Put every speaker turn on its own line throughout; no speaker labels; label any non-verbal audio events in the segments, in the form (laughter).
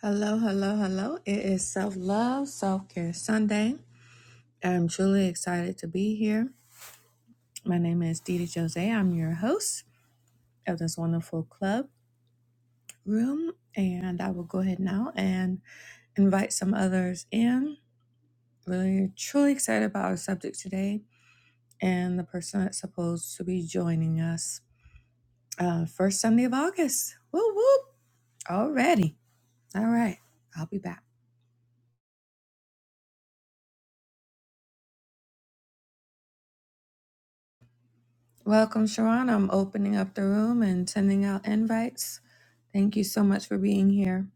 Hello, hello, hello. It is Self Love, Self Care Sunday. I'm truly excited to be here. My name is Didi Jose. I'm your host of this wonderful club room, and I will go ahead now and invite some others in. Really, truly excited about our subject today and the person that's supposed to be joining us. Uh, first Sunday of August. Whoop, whoop. Already. All right. I'll be back. Welcome, Sharon. I'm opening up the room and sending out invites. Thank you so much for being here.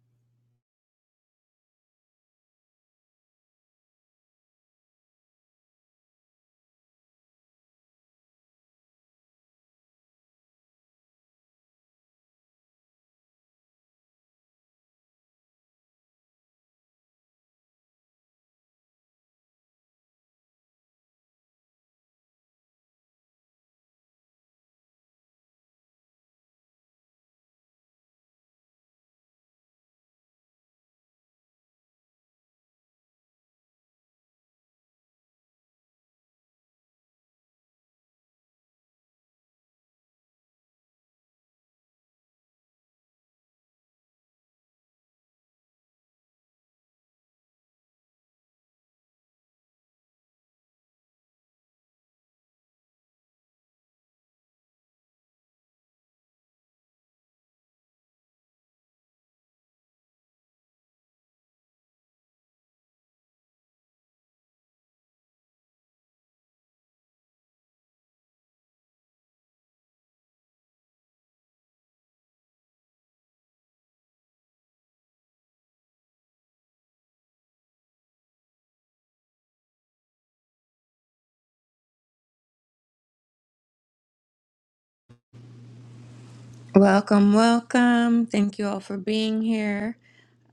Welcome, welcome. Thank you all for being here.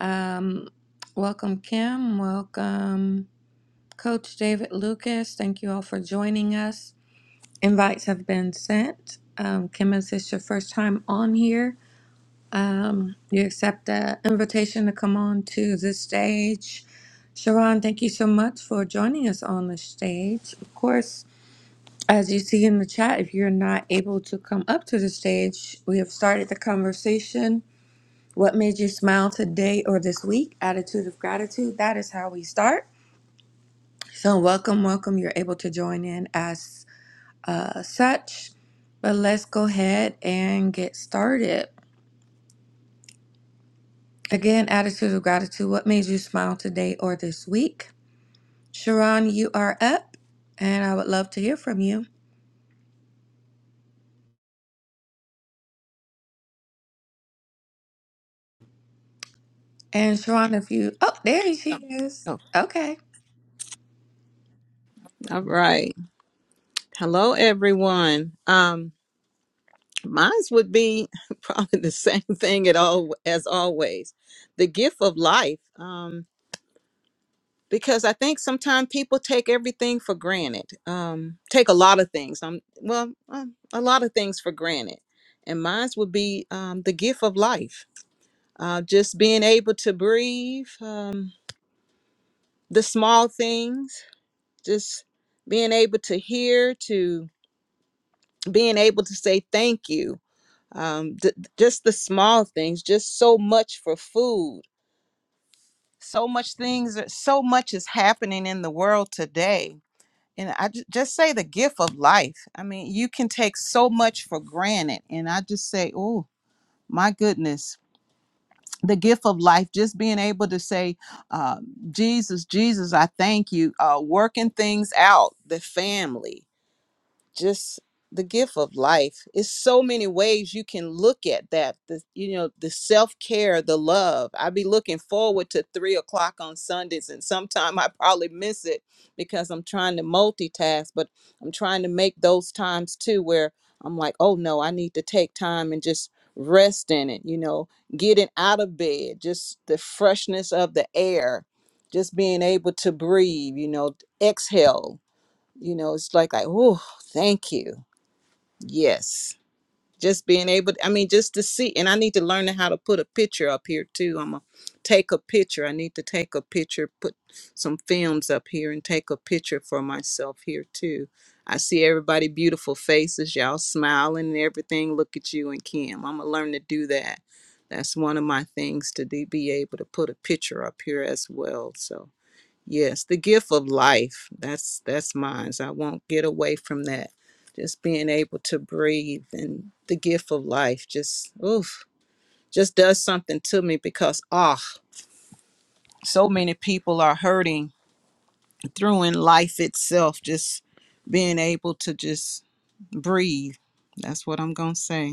Um, welcome, Kim. Welcome, Coach David Lucas. Thank you all for joining us. Invites have been sent. Um, Kim, is this your first time on here? Um, you accept the invitation to come on to the stage. Sharon, thank you so much for joining us on the stage. Of course, As you see in the chat, if you're not able to come up to the stage, we have started the conversation. What made you smile today or this week? Attitude of gratitude. That is how we start. So, welcome, welcome. You're able to join in as uh, such. But let's go ahead and get started. Again, attitude of gratitude. What made you smile today or this week? Sharon, you are up, and I would love to hear from you. And Sharon, if you, oh, there she is.
Oh,
Okay.
all right. Hello, everyone. Um, mine's would be (laughs) probably the same thing at all as always, the gift of life. Um, because I think sometimes people take everything for granted. Um, take a lot of things. Um, well, um, a lot of things for granted. And mine's would be um, the gift of life. Uh, just being able to breathe, um, the small things, just being able to hear, to being able to say thank you um th- just the small things just so much for food so much things so much is happening in the world today and i ju- just say the gift of life i mean you can take so much for granted and i just say oh my goodness the gift of life just being able to say uh, jesus jesus i thank you uh, working things out the family just the gift of life it's so many ways you can look at that the you know the self-care the love i be looking forward to three o'clock on sundays and sometime (laughs) i probably miss it because i'm trying to multitask but i'm trying to make those times too where i'm like oh no i need to take time and just rest in it you know getting out of bed just the freshness of the air just being able to breathe you know exhale you know it's like like oh thank you yes just being able i mean just to see and i need to learn how to put a picture up here too i'm gonna take a picture i need to take a picture put some films up here and take a picture for myself here too i see everybody beautiful faces y'all smiling and everything look at you and kim i'm gonna learn to do that that's one of my things to do, be able to put a picture up here as well so Yes, the gift of life. That's that's mine. so I won't get away from that. Just being able to breathe and the gift of life just oof just does something to me because ah so many people are hurting through in life itself. Just being able to just breathe. That's what I'm gonna say.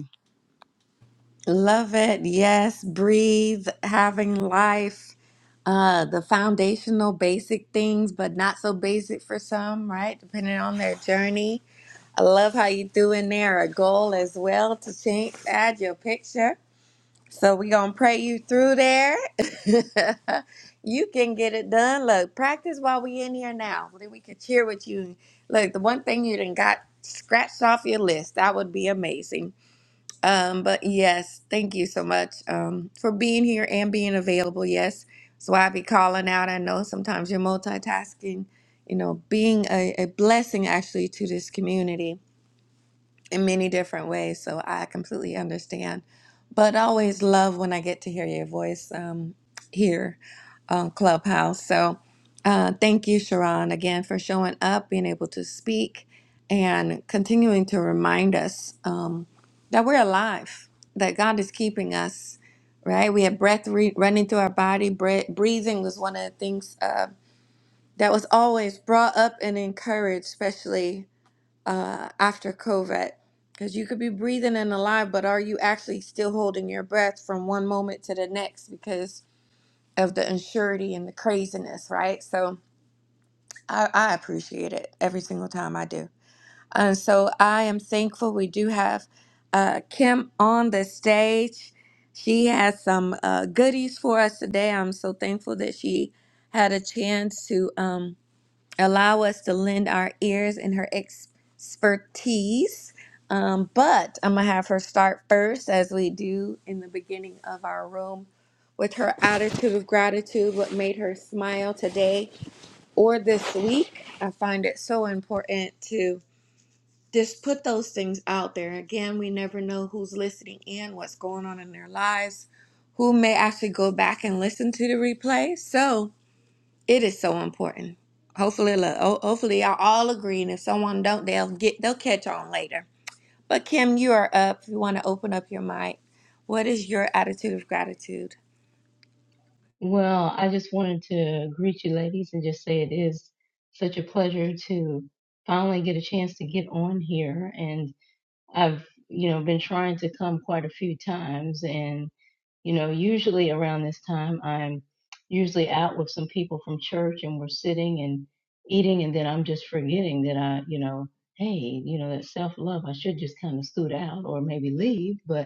Love it. Yes. Breathe, having life, uh, the foundational basic things, but not so basic for some, right? Depending on their journey. I love how you threw in there a goal as well to change, add your picture. So we gonna pray you through there. (laughs) you can get it done. Look, practice while we in here now. Then we can cheer with you. Look, the one thing you didn't got scratched off your list, that would be amazing. Um, but yes, thank you so much um, for being here and being available. Yes, so I be calling out. I know sometimes you're multitasking. You know, being a, a blessing actually to this community in many different ways. So I completely understand. But I always love when I get to hear your voice um, here on Clubhouse. So uh, thank you, Sharon, again for showing up, being able to speak, and continuing to remind us um, that we're alive, that God is keeping us, right? We have breath re- running through our body. Bre- breathing was one of the things uh, that was always brought up and encouraged, especially uh, after COVID. Because you could be breathing and alive, but are you actually still holding your breath from one moment to the next because of the insurity and the craziness, right? So I, I appreciate it every single time I do. And so I am thankful we do have uh, Kim on the stage. She has some uh, goodies for us today. I'm so thankful that she had a chance to. Um, allow us to lend our ears and her ex- expertise. Um, but I'm going to have her start first, as we do in the beginning of our room, with her attitude of gratitude, what made her smile today or this week. I find it so important to just put those things out there. Again, we never know who's listening in, what's going on in their lives, who may actually go back and listen to the replay. So, it is so important. Hopefully, look, ho- hopefully y'all all agree. And if someone don't, they'll get they'll catch on later. But Kim, you are up. If you want to open up your mic, what is your attitude of gratitude?
Well, I just wanted to greet you ladies and just say it is such a pleasure to finally get a chance to get on here. And I've, you know, been trying to come quite a few times. And, you know, usually around this time, I'm usually out with some people from church and we're sitting and eating. And then I'm just forgetting that I, you know, hey, you know, that self love, I should just kind of scoot out or maybe leave. But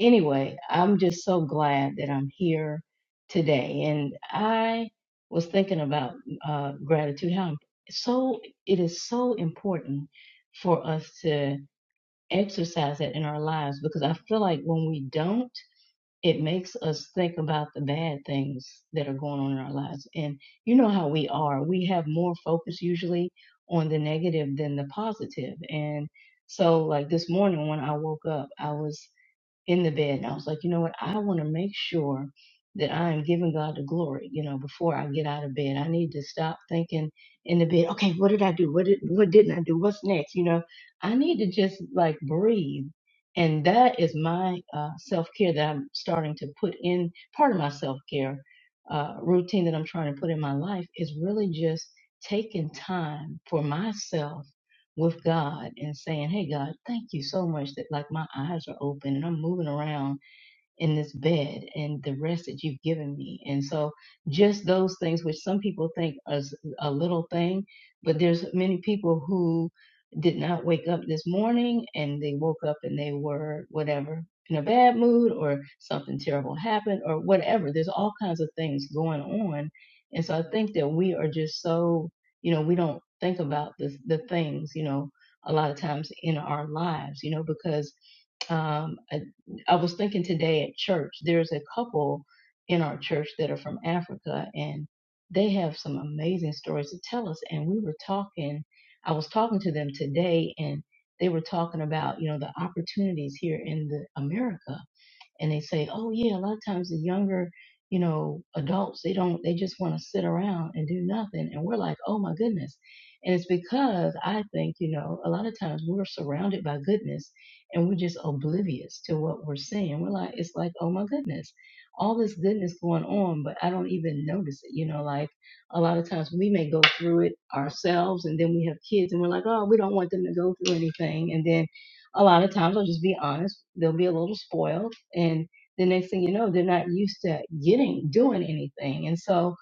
anyway, I'm just so glad that I'm here today. And I was thinking about uh, gratitude. How im- so it is so important for us to exercise that in our lives because I feel like when we don't, it makes us think about the bad things that are going on in our lives. And you know how we are. We have more focus usually on the negative than the positive. And so like this morning when I woke up, I was in the bed and I was like, you know what? I want to make sure that I am giving God the glory, you know, before I get out of bed. I need to stop thinking in the bed, okay, what did I do? What did what didn't I do? What's next? You know, I need to just like breathe. And that is my uh, self care that I'm starting to put in part of my self care uh, routine that I'm trying to put in my life is really just taking time for myself with God and saying, Hey, God, thank you so much that like my eyes are open and I'm moving around in this bed and the rest that you've given me. And so just those things, which some people think is a little thing, but there's many people who did not wake up this morning and they woke up and they were whatever in a bad mood or something terrible happened or whatever. There's all kinds of things going on. And so I think that we are just so, you know, we don't think about the, the things, you know, a lot of times in our lives, you know, because um, I, I was thinking today at church, there's a couple in our church that are from Africa, and they have some amazing stories to tell us. And we were talking, I was talking to them today, and they were talking about, you know, the opportunities here in the America and they say, oh yeah, a lot of times the younger, you know, adults, they don't, they just want to sit around and do nothing. And we're like, oh my goodness. And it's because I think, you know, a lot of times we're surrounded by goodness and we're just oblivious to what we're seeing. We're like, it's like, oh my goodness, all this goodness going on, but I don't even notice it. You know, like a lot of times we may go through it ourselves and then we have kids and we're like, oh, we don't want them to go through anything. And then a lot of times I'll just be honest, they'll be a little spoiled. And the next thing you know, they're not used to getting, doing anything. And so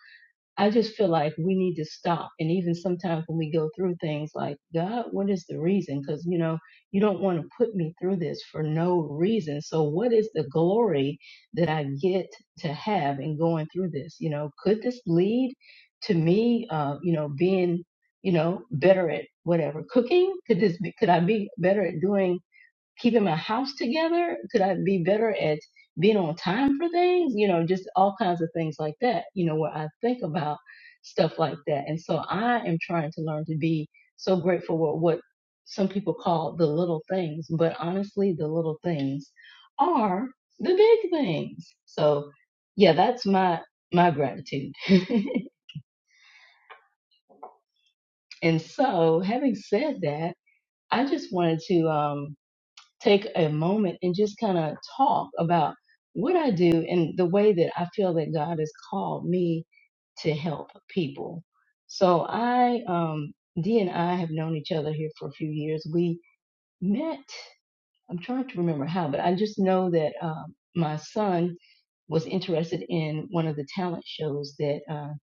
I just feel like we need to stop. And even sometimes when we go through things like, God, what is the reason? Because, you know, you don't want to put me through this for no reason. So what is the glory that I get to have in going through this? You know, could this lead to me, uh, you know, being you know, better at whatever cooking? Could this be, could I be better at doing keeping my house together? Could I be better at being on time for things? You know, just all kinds of things like that, you know, where I think about stuff like that. And so I am trying to learn to be so grateful for what some people call the little things, but honestly, the little things are the big things. So yeah, that's my, my gratitude. (laughs) and so having said that, I just wanted to, um, take a moment and just kind of talk about what I do and the way that I feel that God has called me to help people. So I, um, D and I have known each other here for a few years. We met, I'm trying to remember how, but I just know that um, my son was interested in one of the talent shows that uh,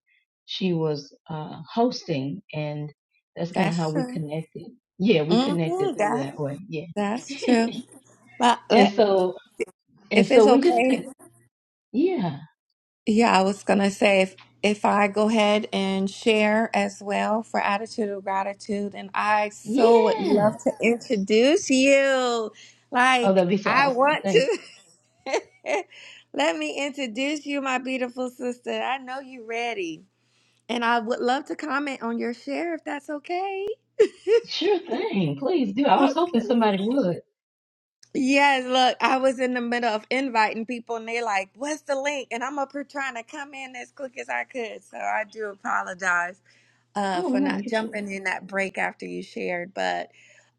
she was uh, hosting, and that's kind of how
That's
we
true.
connected. Yeah, we
hmm
connected through
that
that way.
that's
Yeah.
true.
(laughs)
But
And
let
so and
if
so
it's
we just
okay.
could yeah.
Yeah, I was gonna say if if I go ahead and share as well for attitude of gratitude, and I so would love
Yes.
to introduce you.
Oh,
Like
that'd be so
I
awesome.
want
Thanks.
to. (laughs) Let me introduce you, my beautiful sister. I know you're ready, and I would love to comment on your share if that's okay.
Sure thing. Please do. I
Okay.
was hoping somebody would.
Yes, look, I was in the middle of inviting people and they're like, What's the link? And I'm up here trying to come in as quick as I could. So I do apologize. uh,
Oh
for
no,
not
you're good.
jumping in that break after you shared. But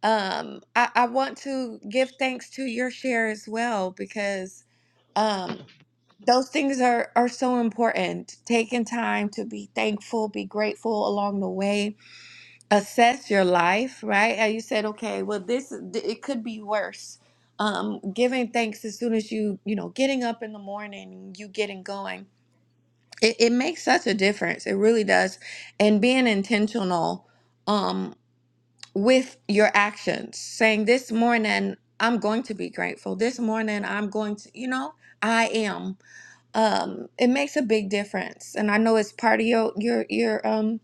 um, I, I want to give thanks to your share as well because um, those things are, are so important. Taking time to be thankful, be grateful along the way, assess your life, right? How you said, okay, well, this it could be worse. Um, giving thanks as soon as you, you know, getting up in the morning, you getting going it, it makes such a difference. It really does. And being intentional um, with your actions, saying, This morning, I'm going to be grateful. This morning, I'm going to, you know, I am. Um, it makes a big difference. And I know it's part of your, your, your, um,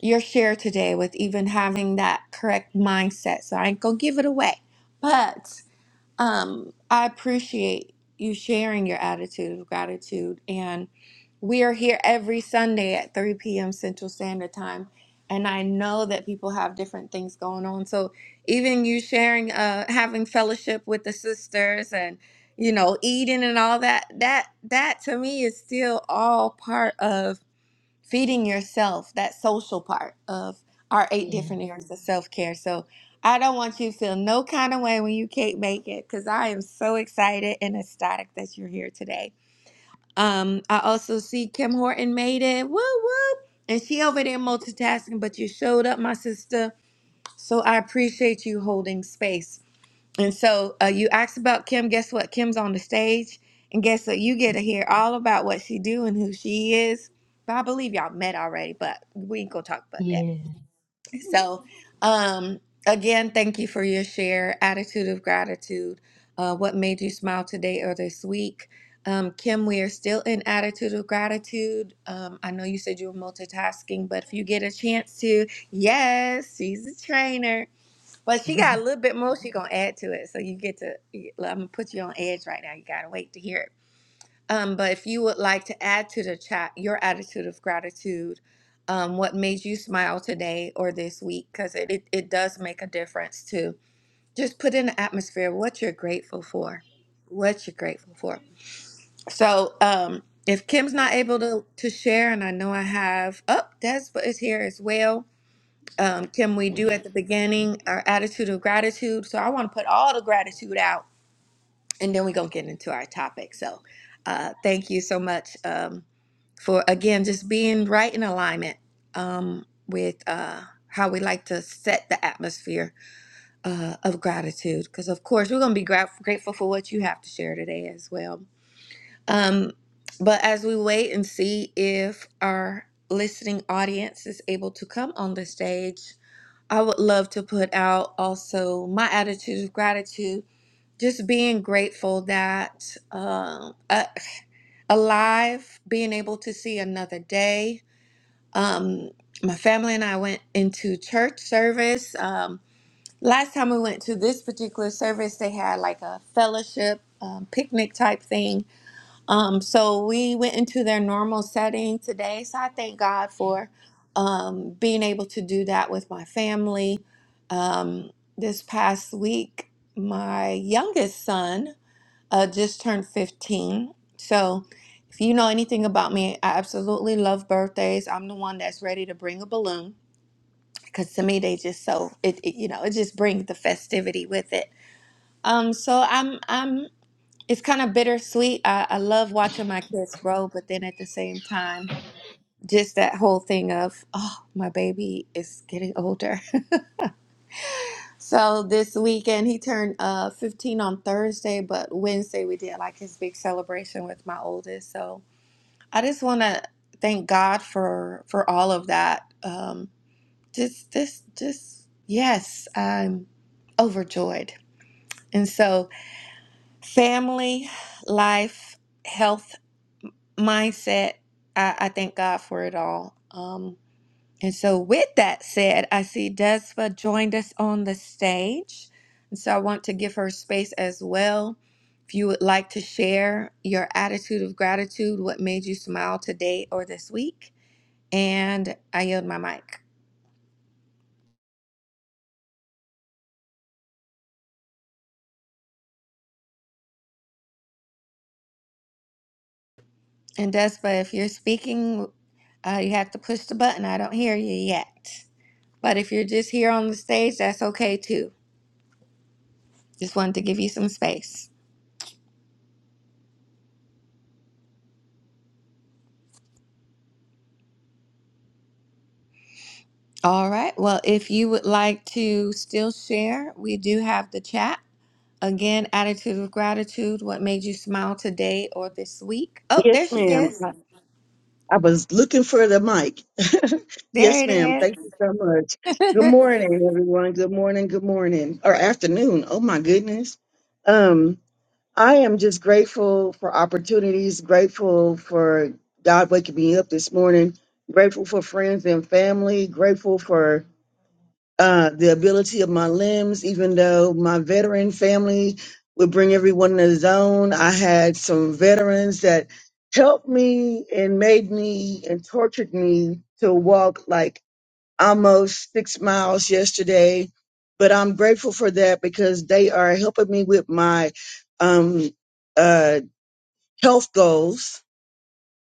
your share today with even having that correct mindset. So I ain't gonna give it away. But um, I appreciate you sharing your attitude of gratitude. And we are here every Sunday at 3 p.m. Central Standard Time. And I know that people have different things going on. So even you sharing, uh, having fellowship with the sisters and, you know, eating and all that, that, that to me is still all part of feeding yourself that social part of our eight different areas of self-care so i don't want you to feel no kind of way when you can't make it because i am so excited and ecstatic that you're here today um i also see kim horton made it woo woo and she over there multitasking but you showed up my sister so i appreciate you holding space and so uh, you asked about Kim. Guess what? Kim's on the stage, and guess what? You get to hear all about what she do and who she is. But I believe y'all met already, but we ain't gonna talk about that.
Yeah. Yeah.
So, um, again, thank you for your share, attitude of gratitude. Uh, what made you smile today or this week? Um, Kim, we are still in attitude of gratitude. Um, I know you said you were multitasking, but if you get a chance to, yes, she's a trainer but she
(laughs)
got a little bit more. She gonna add to it, so you get to. I'm gonna put you on edge right now. You gotta wait to hear it. Um, but if you would like to add to the chat your attitude of gratitude, um, what made you smile today or this week, because it, it it does make a difference too. Just put in the atmosphere what you're grateful for, what you're grateful for. So um, if Kim's not able to to share, and I know I have, oh, Despa is here as well um, can we do at the beginning our attitude of gratitude? So I want to put all the gratitude out, and then we're gonna get into our topic. So uh, thank you so much um, for again just being right in alignment um, with uh, how we like to set the atmosphere uh, of gratitude. Because of course we're gonna be gra- grateful for what you have to share today as well. Um, but as we wait and see if our listening audience is able to come on the stage I would love to put out also my attitude of gratitude, just being grateful that um, uh, alive, being able to see another day. Um, my family and I went into church service. Um, last time we went to this particular service, they had like a fellowship um, picnic type thing um, so we went into their normal setting today. So I thank God for um, being able to do that with my family. Um, this past week, my youngest son uh, just turned 15. So if you know anything about me, I absolutely love birthdays. I'm the one that's ready to bring a balloon because to me they just so it, it you know it just brings the festivity with it. Um, so I'm I'm it's kind of bittersweet. I, I love watching my kids grow, but then at the same time, just that whole thing of, oh, my baby is getting older. (laughs) So this weekend, he turned uh, 15 on Thursday, but Wednesday we did like his big celebration with my oldest. So I just want to thank God for for all of that. Um, just, just, just, yes, I'm overjoyed. And so family, life, health. mindset. I, I thank God for it all. Um, and so, with that said, I see Desva joined us on the stage. And so, I want to give her space as well. If you would like to share your attitude of gratitude, what made you smile today or this week, and I yield my mic. And Desva, if you're speaking, uh, you have to push the button. I don't hear you yet. But if you're just here on the stage, that's okay too. Just wanted to give you some space. All right. Well, if you would like to still share, we do have the chat. Again, attitude of gratitude. What made you smile today or this week? Oh,
Yes,
there she
ma'am.
is.
I, I was looking for the mic. (laughs)
There
yes, ma'am.
it
Thank you so much.
is.
Good
(laughs)
morning, everyone. Good morning. Good morning or afternoon. Oh my goodness. Um, I am just grateful for opportunities. Grateful for God waking me up this morning. Grateful for friends and family. Grateful for uh, the ability of my limbs, even though my veteran family would bring everyone in the zone. I had some veterans that helped me and made me and tortured me to walk like almost six miles yesterday. But I'm grateful for that because they are helping me with my um, uh, health goals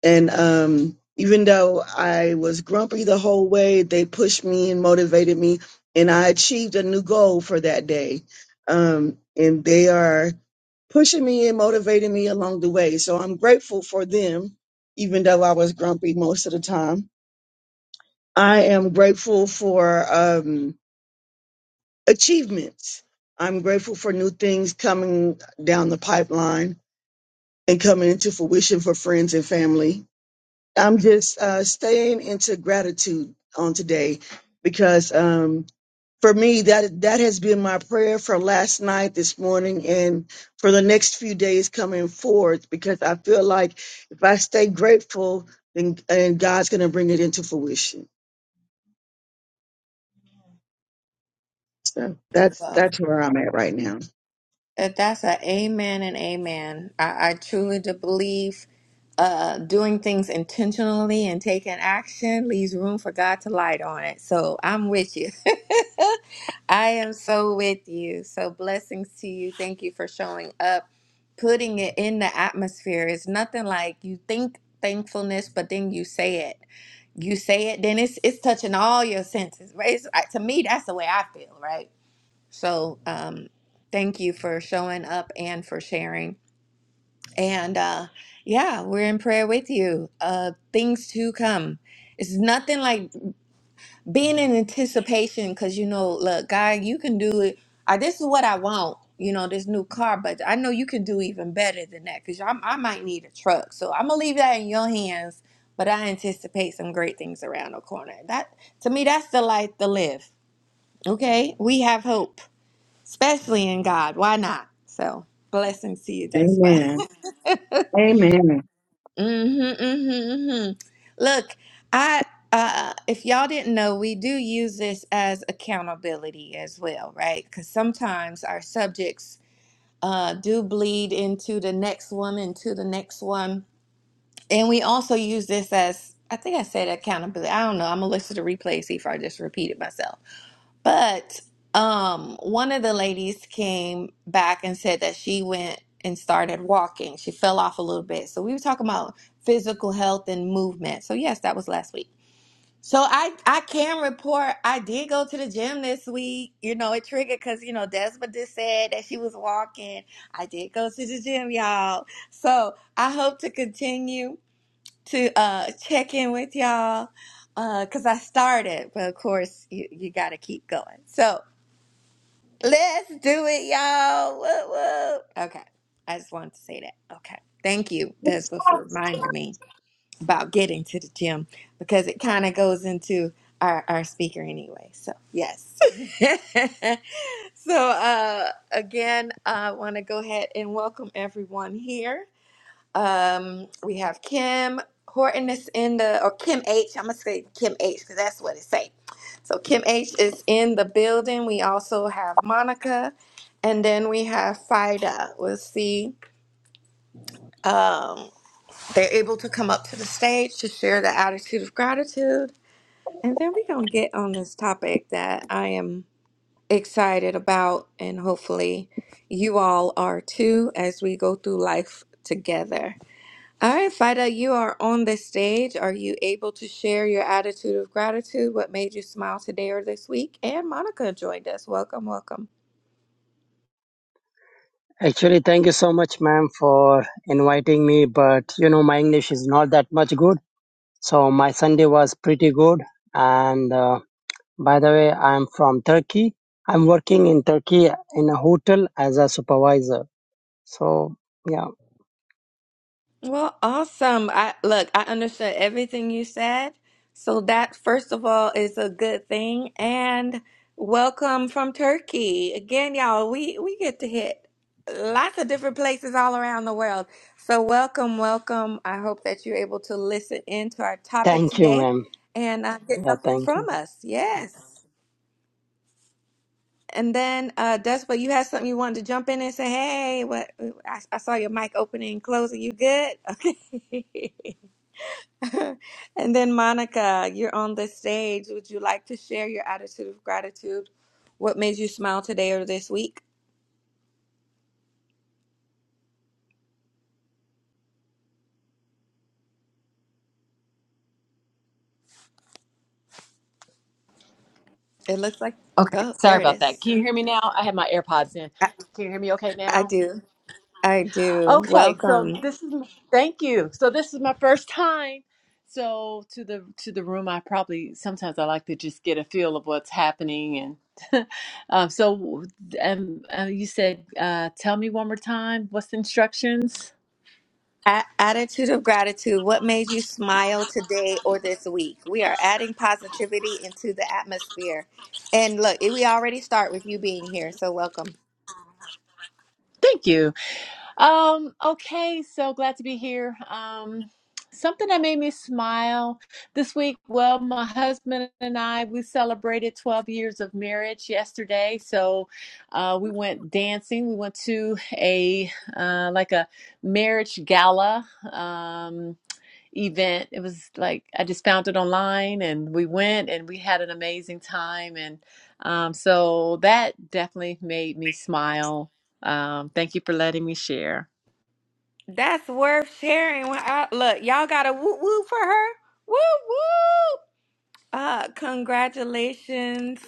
and um, even though I was grumpy the whole way, they pushed me and motivated me, and I achieved a new goal for that day. Um, and they are pushing me and motivating me along the way. So I'm grateful for them, even though I was grumpy most of the time. I am grateful for um, achievements. I'm grateful for new things coming down the pipeline and coming into fruition for friends and family I'm just uh, staying into gratitude on today because um, for me that that has been my prayer for last night, this morning, and for the next few days coming forth. Because I feel like if I stay grateful, then and God's going to bring it into fruition. So that's
well,
that's where I'm at right now.
if that's an amen and amen. I, I truly do believe uh, doing things intentionally and taking action leaves room for God to light on it. So I'm with you. (laughs) I am so with you. So blessings to you. Thank you for showing up, putting it in the atmosphere. It's nothing like you think thankfulness, but then you say it. You say it, then it's it's touching all your senses. Right? It's, I- to me, that's the way I feel. Right. So um, thank you for showing up and for sharing. And uh, yeah, we're in prayer with you. Uh, things to come. It's nothing like being in anticipation because you know look god you can do it I, this is what i want you know this new car but i know you can do even better than that because I, I might need a truck so i'm gonna leave that in your hands but i anticipate some great things around the corner that to me that's the life to live okay we have hope especially in god why not so blessings to you despa (laughs)
Amen. Amen.
Mm-hmm, mm-hmm, mm-hmm. Look, I uh if y'all didn't know, we do use this as accountability as well, right? Because sometimes our subjects uh do bleed into the next one, into the next one. And we also use this as I think I said accountability. I don't know. I'm gonna listen to the replay, see if I just repeated myself. But um, one of the ladies came back and said that she went and started walking. She fell off a little bit. So we were talking about physical health and movement. So yes, that was last week. So I I can report I did go to the gym this week. You know, it triggered because you know Desmond just said that she was walking. I did go to the gym, y'all. So I hope to continue to uh check in with y'all uh because I started, but of course you you got to keep going. So. Let's do it, y'all. Woo, woo. Okay. I just wanted to say that. Okay. Thank you, Despa, for reminding me about getting to the gym because it kind of goes into our, our speaker anyway. So, yes. (laughs) so, uh, again, I want to go ahead and welcome everyone here. Um, we have Kim Horton is in the or Kim H. I'm gonna say Kim H. because that's what it say. So Kim H is in the building. We also have Monica, and then we have Fida. We'll see. Um, they're able to come up to the stage to share the attitude of gratitude, and then we're gonna get on this topic that I am excited about, and hopefully you all are too as we go through life together. All right, Fida, you are on the stage. Are you able to share your attitude of gratitude? What made you smile today or this week? And Monica joined us. Welcome, welcome.
Actually, thank you so much, ma'am, for inviting me. But you know, my English is not that much good, so my Sunday was pretty good. And uh, by the way, I'm from Turkey. I'm working in Turkey in a hotel as a supervisor. So yeah,
Well, awesome. I look, I understood everything you said. So that first of all is a good thing and welcome from Turkey. Again, y'all, we we get to hit lots of different places all around the world. So welcome, welcome. I hope that you're able to listen in to our topic
thank you,
today
ma'am.
and uh, get
Yeah,
something
thank you.
from us. Yes. And then uh Despa, you had something you wanted to jump in and say, "Hey, what I, I saw your mic opening and closing. You good?" (laughs) Okay. (laughs) And then, Monica, you're on the stage. Would you like to share your attitude of gratitude? What made you smile today or this week? It looks like,
Okay,
go,
sorry
there it
about that.
is.
Can you hear me now? I have my AirPods in.
I,
Can you hear me okay
I
now?
do. I do.
Okay, so
Welcome.
this is thank you. So this is my first time. So to the to the room, I probably sometimes I like to just get a feel of what's happening and (laughs) um, so and uh, you said uh, tell me one more time what's the instructions.
A- attitude of gratitude. What made you smile today or this week? We are adding positivity into the atmosphere. And look, it- we already start with you being here. So, welcome.
Thank you. Um, okay, so glad to be here. Um, something that made me smile this week. Well, my husband and I, we celebrated 12 years of marriage yesterday. So, uh, we went dancing. We went to a, uh, like a marriage gala, um, event. It was like, I just found it online and we went and we had an amazing time. And, um, so that definitely made me smile. Um, thank you for letting me share.
That's worth sharing. When I- look, y'all got a woo woo for her. Woo woo. Uh, congratulations.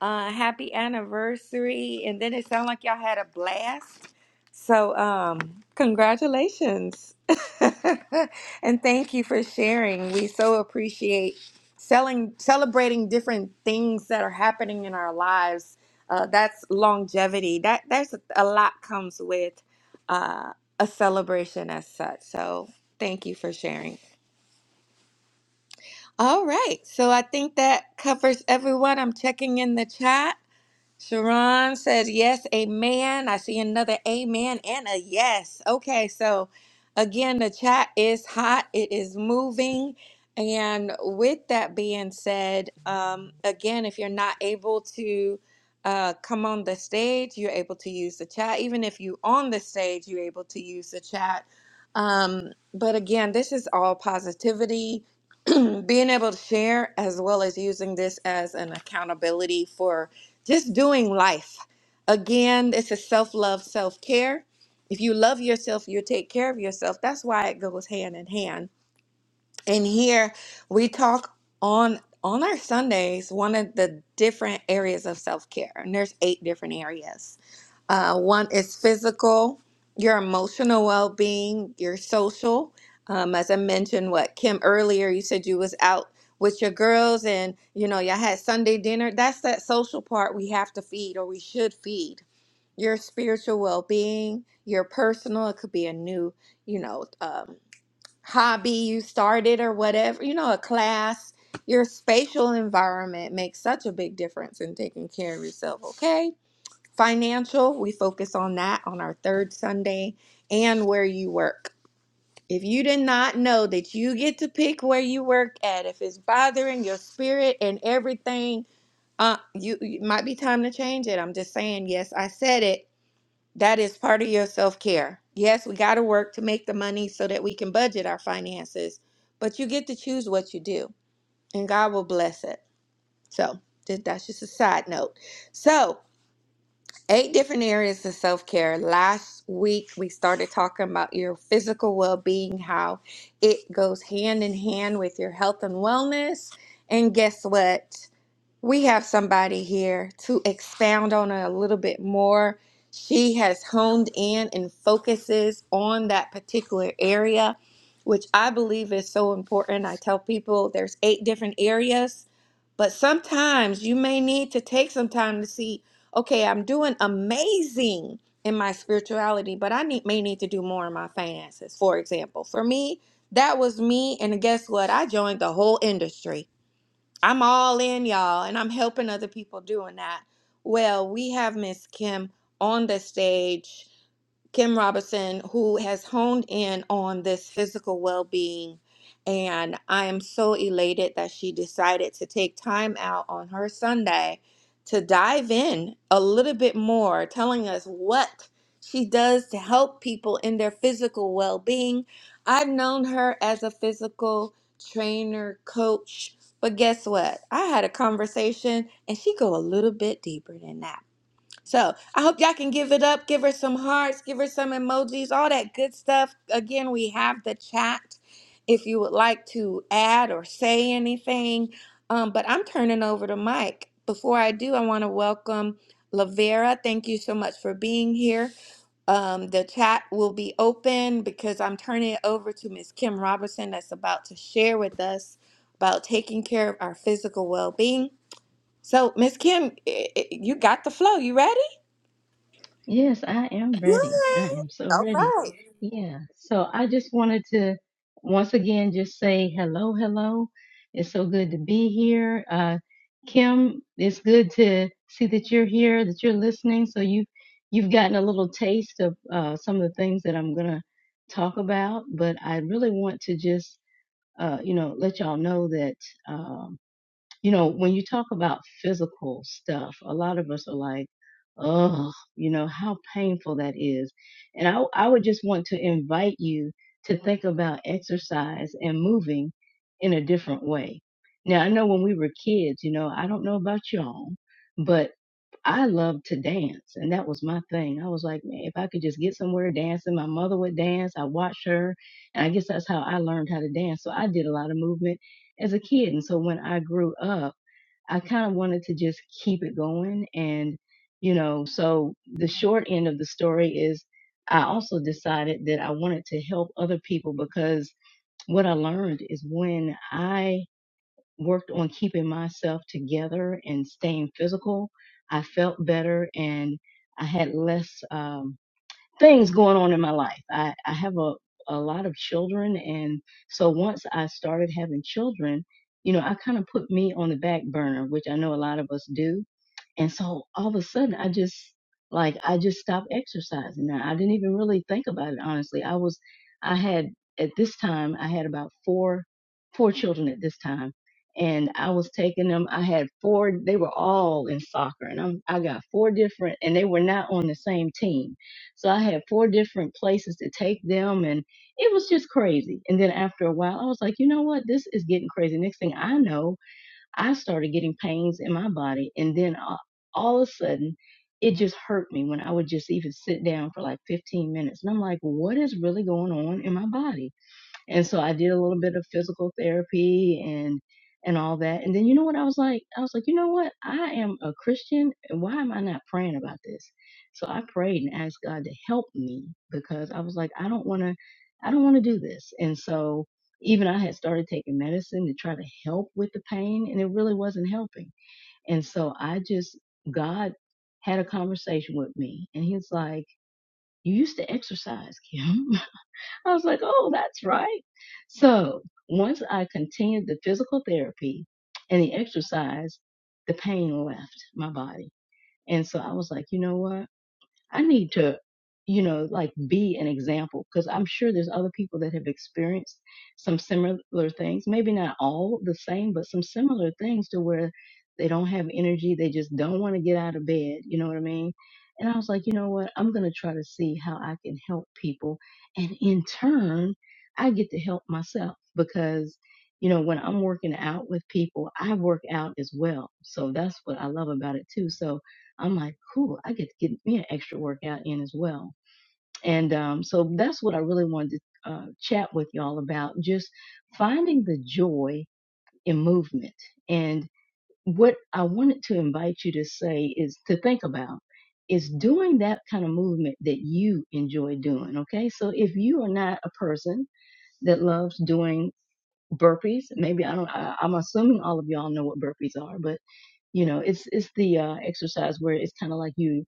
Uh, happy anniversary. And then it sounded like y'all had a blast. So, um, congratulations. (laughs) and thank you for sharing. We so appreciate selling, celebrating different things that are happening in our lives. Uh, that's longevity. That that's a lot comes with uh, a celebration as such. So, thank you for sharing. All right. So I think that covers everyone. I'm checking in the chat. Sharon says, yes, amen. I see another amen and a yes. Okay, so again, the chat is hot, it is moving. And with that being said, um, again, if you're not able to uh, come on the stage, you're able to use the chat. Even if you on the stage, you're able to use the chat. Um, but again, this is all positivity, (clears throat) being able to share as well as using this as an accountability for just doing life. Again, it's a self love, self care. If you love yourself, you take care of yourself. That's why it goes hand in hand and here we talk on on our Sundays one of the different areas of self-care. And there's eight different areas. Uh, one is physical, your emotional well-being, your social. Um, as I mentioned, what Kim earlier, you said you was out with your girls and you know y'all had Sunday dinner. That's that social part we have to feed or we should feed. Your spiritual well-being, your personal. It could be a new, you know, um, hobby you started or whatever, you know, a class, your spatial environment makes such a big difference in taking care of yourself, okay? Financial, we focus on that on our third Sunday and where you work. If you did not know that you get to pick where you work at, if it's bothering your spirit and everything, uh, you it might be time to change it. I'm just saying, yes, I said it that is part of your self care. Yes, we got to work to make the money so that we can budget our finances, but you get to choose what you do, and God will bless it. So, th- that's just a side note. So, eight different areas of self care. Last week, we started talking about your physical well being, how it goes hand in hand with your health and wellness. And guess what? We have somebody here to expound on it a little bit more. She has honed in and focuses on that particular area, which I believe is so important. I tell people there's eight different areas, but sometimes you may need to take some time to see, okay, I'm doing amazing in my spirituality, but I need, may need to do more in my finances, for example. For me, that was me, and guess what? I joined the whole industry I'm all in, y'all, and I'm helping other people doing that. Well, we have Miss Kim on the stage. Kim Robinson, who has honed in on this physical well being. And I am so elated that she decided to take time out on her Sunday to dive in a little bit more, telling us what she does to help people in their physical well being. I've known her as a physical trainer, coach, but guess what? I had a conversation and she go a little bit deeper than that. So I hope y'all can give it up, give her some hearts, give her some emojis, all that good stuff. Again, we have the chat if you would like to add or say anything. Um, but I'm turning over to Mike. Before I do, I want to welcome Lavera. Thank you so much for being here. Um, the chat will be open because I'm turning it over to Miss Kim Robertson that's about to share with us about taking care of our physical well-being. So, Miss Kim, i- i- you got the flow. You ready?
Yes, I am
Good.
ready. I am so ready.
All
Yeah. So I just wanted to once again just say hello, hello. It's so good to be here. Uh, Kim, it's good to see that you're here, that you're listening. So you you've gotten a little taste of uh, some of the things that I'm gonna talk about, but I really want to just uh, you know let y'all know that. um, you know, when you talk about physical stuff, a lot of us are like, oh, you know, how painful that is. And I, I would just want to invite you to think about exercise and moving in a different way. Now, I know when we were kids, you know, I don't know about y'all, but I loved to dance. And that was my thing. I was like, man, if I could just get somewhere dancing, my mother would dance. I watched her. And I guess that's how I learned how to dance. So I did a lot of movement as a kid. And so when I grew up, I kind of wanted to just keep it going. And, you know, so the short end of the story is I also decided that I wanted to help other people because what I learned is when I worked on keeping myself together and staying physical, I felt better and I had less. Um, things going on in my life. I, I have a, a lot of children. And so once I started having children, you know, I kind of put me on the back burner, which I know a lot of us do and so all of a sudden, I just like I just stopped exercising. Now I didn't even really think about it honestly. I was, I had at this time I had about four four children at this time, and I was taking them. I had four. They were all in soccer, and I'm I got four different, and they were not on the same team. So I had four different places to take them, and it was just crazy. And then after a while, I was like, you know what? This is getting crazy. Next thing I know, I started getting pains in my body. And then uh, all of a sudden, it just hurt me when I would just even sit down for like 15 minutes. And I'm like, what is really going on in my body? And so I did a little bit of physical therapy and and all that. And then you know what I was like? I was like, you know what? I am a Christian and why am I not praying about this? So I prayed and asked God to help me because I was like, I don't wanna I don't wanna do this. And so even I had started taking medicine to try to help with the pain and it really wasn't helping. And so I just God had a conversation with me and he's like, You used to exercise, Kim. (laughs) I was like, oh, that's right. So once I continued the physical therapy and the exercise, the pain left my body. And so I was like, you know what? I need to, you know, like be an example because I'm sure there's other people that have experienced some similar things. Maybe not all the same, but some similar things to where they don't have energy. They just don't want to get out of bed. You know what I mean? And I was like, you know what? I'm going to try to see how I can help people. And in turn, I get to help myself because, you know, when I'm working out with people, I work out as well. So that's what I love about it too. So I'm like, cool, I get to get me an extra workout in as well. And um, so that's what I really wanted to uh, chat with y'all about just finding the joy in movement. And what I wanted to invite you to say is to think about is doing that kind of movement that you enjoy doing. Okay. So if you are not a person that loves doing burpees, maybe I don't, I, I'm assuming all of y'all know what burpees are, but you know it's it's the uh, exercise where it's kind of like you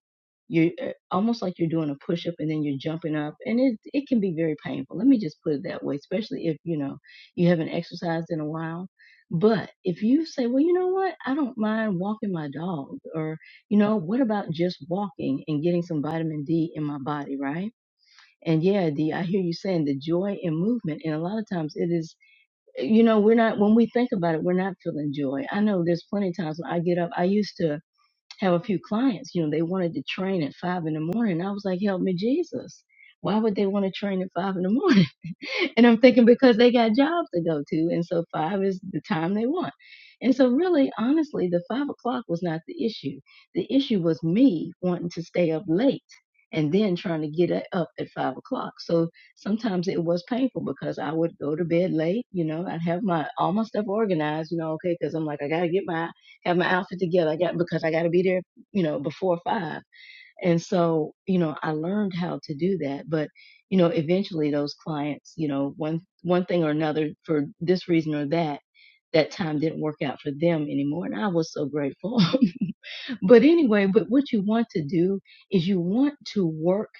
you uh, almost like you're doing a push up and then you're jumping up and it it can be very painful let me just put it that way especially if you know you haven't exercised in a while but if you say well you know what i don't mind walking my dog or you know what about just walking and getting some vitamin d in my body right and yeah d i hear you saying the joy in movement and a lot of times it is you know, we're not, when we think about it, we're not feeling joy. I know there's plenty of times when I get up. I used to, have a few clients, you know, they wanted to train at five in the morning. I was like, help me, Jesus. Why would they want to train at five in the morning? (laughs) and I'm thinking because they got jobs to go to. And so five is the time they want. And so, really, honestly, the five o'clock was not the issue. The issue was me wanting to stay up late and then trying to get a- up at five o'clock. So sometimes it was painful because I would go to bed late. You know, I'd have my all my stuff organized, you know, okay, because I'm like, I got to get my have my outfit together. I got because I got to be there, you know, before five. And so, you know, I learned how to do that. But, you know, eventually those clients, you know, one one thing or another for this reason or that, that time didn't work out for them anymore. And I was so grateful (laughs) But anyway, but what you want to do is you want to work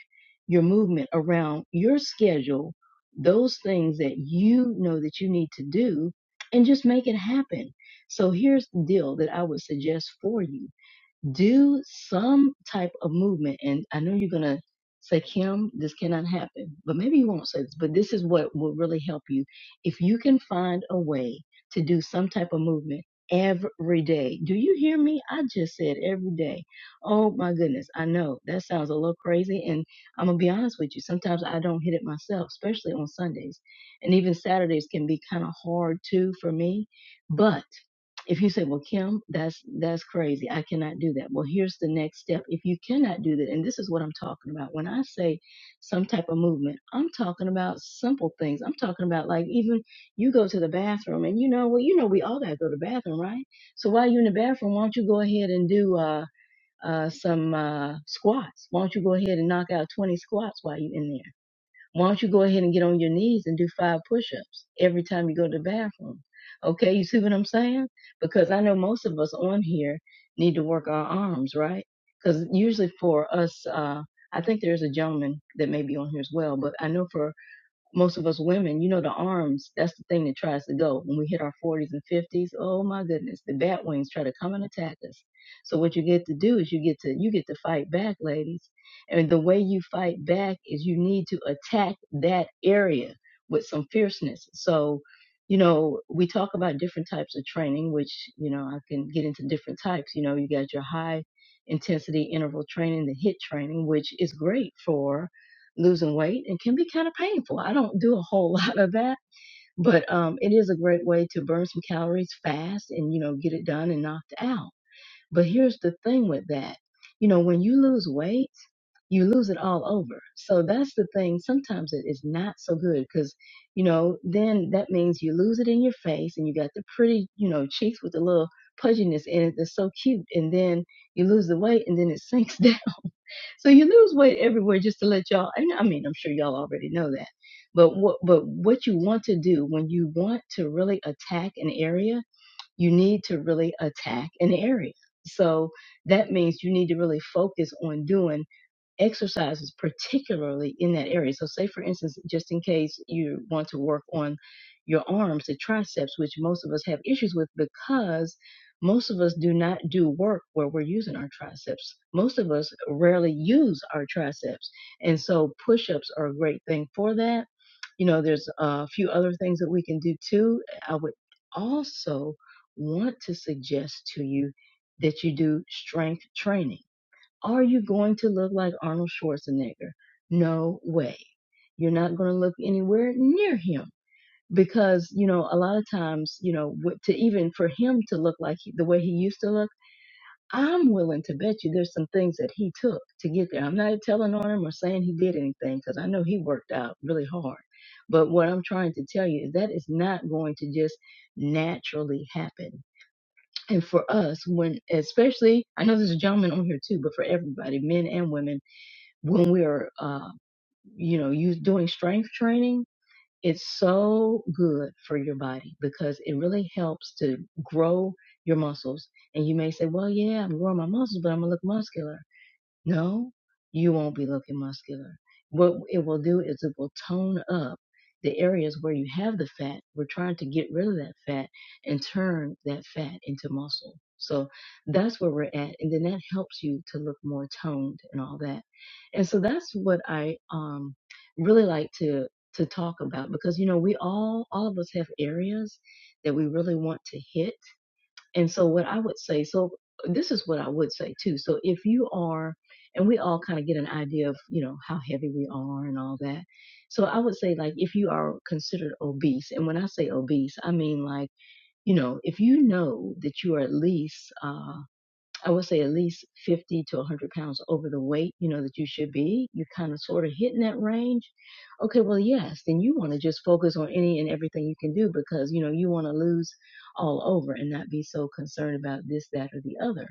your movement around your schedule, those things that you know that you need to do, and just make it happen. So here's the deal that I would suggest for you do some type of movement. And I know you're gonna say, Kim, this cannot happen, but maybe you won't say this, but this is what will really help you. If you can find a way to do some type of movement every day. Do you hear me? I just said every day. Oh my goodness. I know that sounds a little crazy. And I'm gonna be honest with you. Sometimes I don't hit it myself, especially on Sundays. And even Saturdays can be kind of hard too for me. But if you say well kim that's that's crazy i cannot do that well here's the next step if you cannot do that and this is what i'm talking about when i say some type of movement i'm talking about simple things i'm talking about like even you go to the bathroom and you know well you know we all gotta go to the bathroom right so while you're in the bathroom why don't you go ahead and do uh uh some uh squats why don't you go ahead and knock out 20 squats while you're in there why don't you go ahead and get on your knees and do five push ups every time you go to the bathroom? Okay, you see what I'm saying? Because I know most of us on here need to work our arms, right? Because usually for us, uh, I think there's a gentleman that may be on here as well, but I know for most of us women, you know, the arms, that's the thing that tries to go. When we hit our 40s and 50s, oh my goodness, the bat wings try to come and attack us. So what you get to do is you get to you get to fight back, ladies. And the way you fight back is you need to attack that area with some fierceness. So, you know, we talk about different types of training, which, you know, I can get into different types. You know, you got your high intensity interval training, the hit training, which is great for losing weight and can be kind of painful. I don't do a whole (laughs) lot of that, but um, it is a great way to burn some calories fast and, you know, get it done and knocked out. But here's the thing with that. You know, when you lose weight, you lose it all over. So that's the thing. Sometimes it is not so good because, you know, then that means you lose it in your face and you got the pretty, you know, cheeks with the little pudginess in it that's so cute. And then you lose the weight and then it sinks (laughs) So you lose weight everywhere just to let y'all, and I mean, I'm sure y'all already know that. But what, but what you want to do when you want to really attack an area, you need to really attack an area. So that means you need to really focus on doing exercises, particularly in that area. So, say for instance, just in case you want to work on your arms, the triceps, which most of us have issues with because most of us do not do work where we're using our triceps. Most of us rarely use our triceps. And so, push ups are a great thing for that. You know, there's a few other things that we can do too. I would also want to suggest to you that you do strength training are you going to look like Arnold Schwarzenegger? No way. You're not going to look anywhere near him because, you know, a lot of times, you know, to even for him to look like he, the way he used to look, I'm willing to bet you there's some things that he took to get there. I'm not telling on him or saying he did anything because I know he worked out really hard. But what I'm trying to tell you is that is not going to just naturally happen and for us when especially i know there's a gentleman on here too but for everybody men and women when we're, uh, you know, you doing strength training, it's so good for your body because it really helps to grow your muscles. And you may say, well, yeah, I'm growing my muscles, but I'm gonna look muscular. No, you won't be looking muscular. What it will do is it will tone up the areas where you have the fat. We're trying to get rid of that fat and turn that fat into muscle. So that's where we're at. And then that helps you to look more toned and all that. And so that's what I um really like to to talk about because you know we all all of us have areas that we really want to hit and so what I would say, so this is what I would say too. So if you are, and we all kind of get an idea of, you know, how heavy we are and all that. So I would say like if you are considered obese, and when I say obese, I mean like, you know, if you know that you are at least, uh, I would say at least 50 to 100 pounds over the weight, you know, that you should be, you kind of sort of hitting that range. Okay, well, yes, then you want to just focus on any and everything you can do because, you know, you want to lose all over and not be so concerned about this, that, or the other.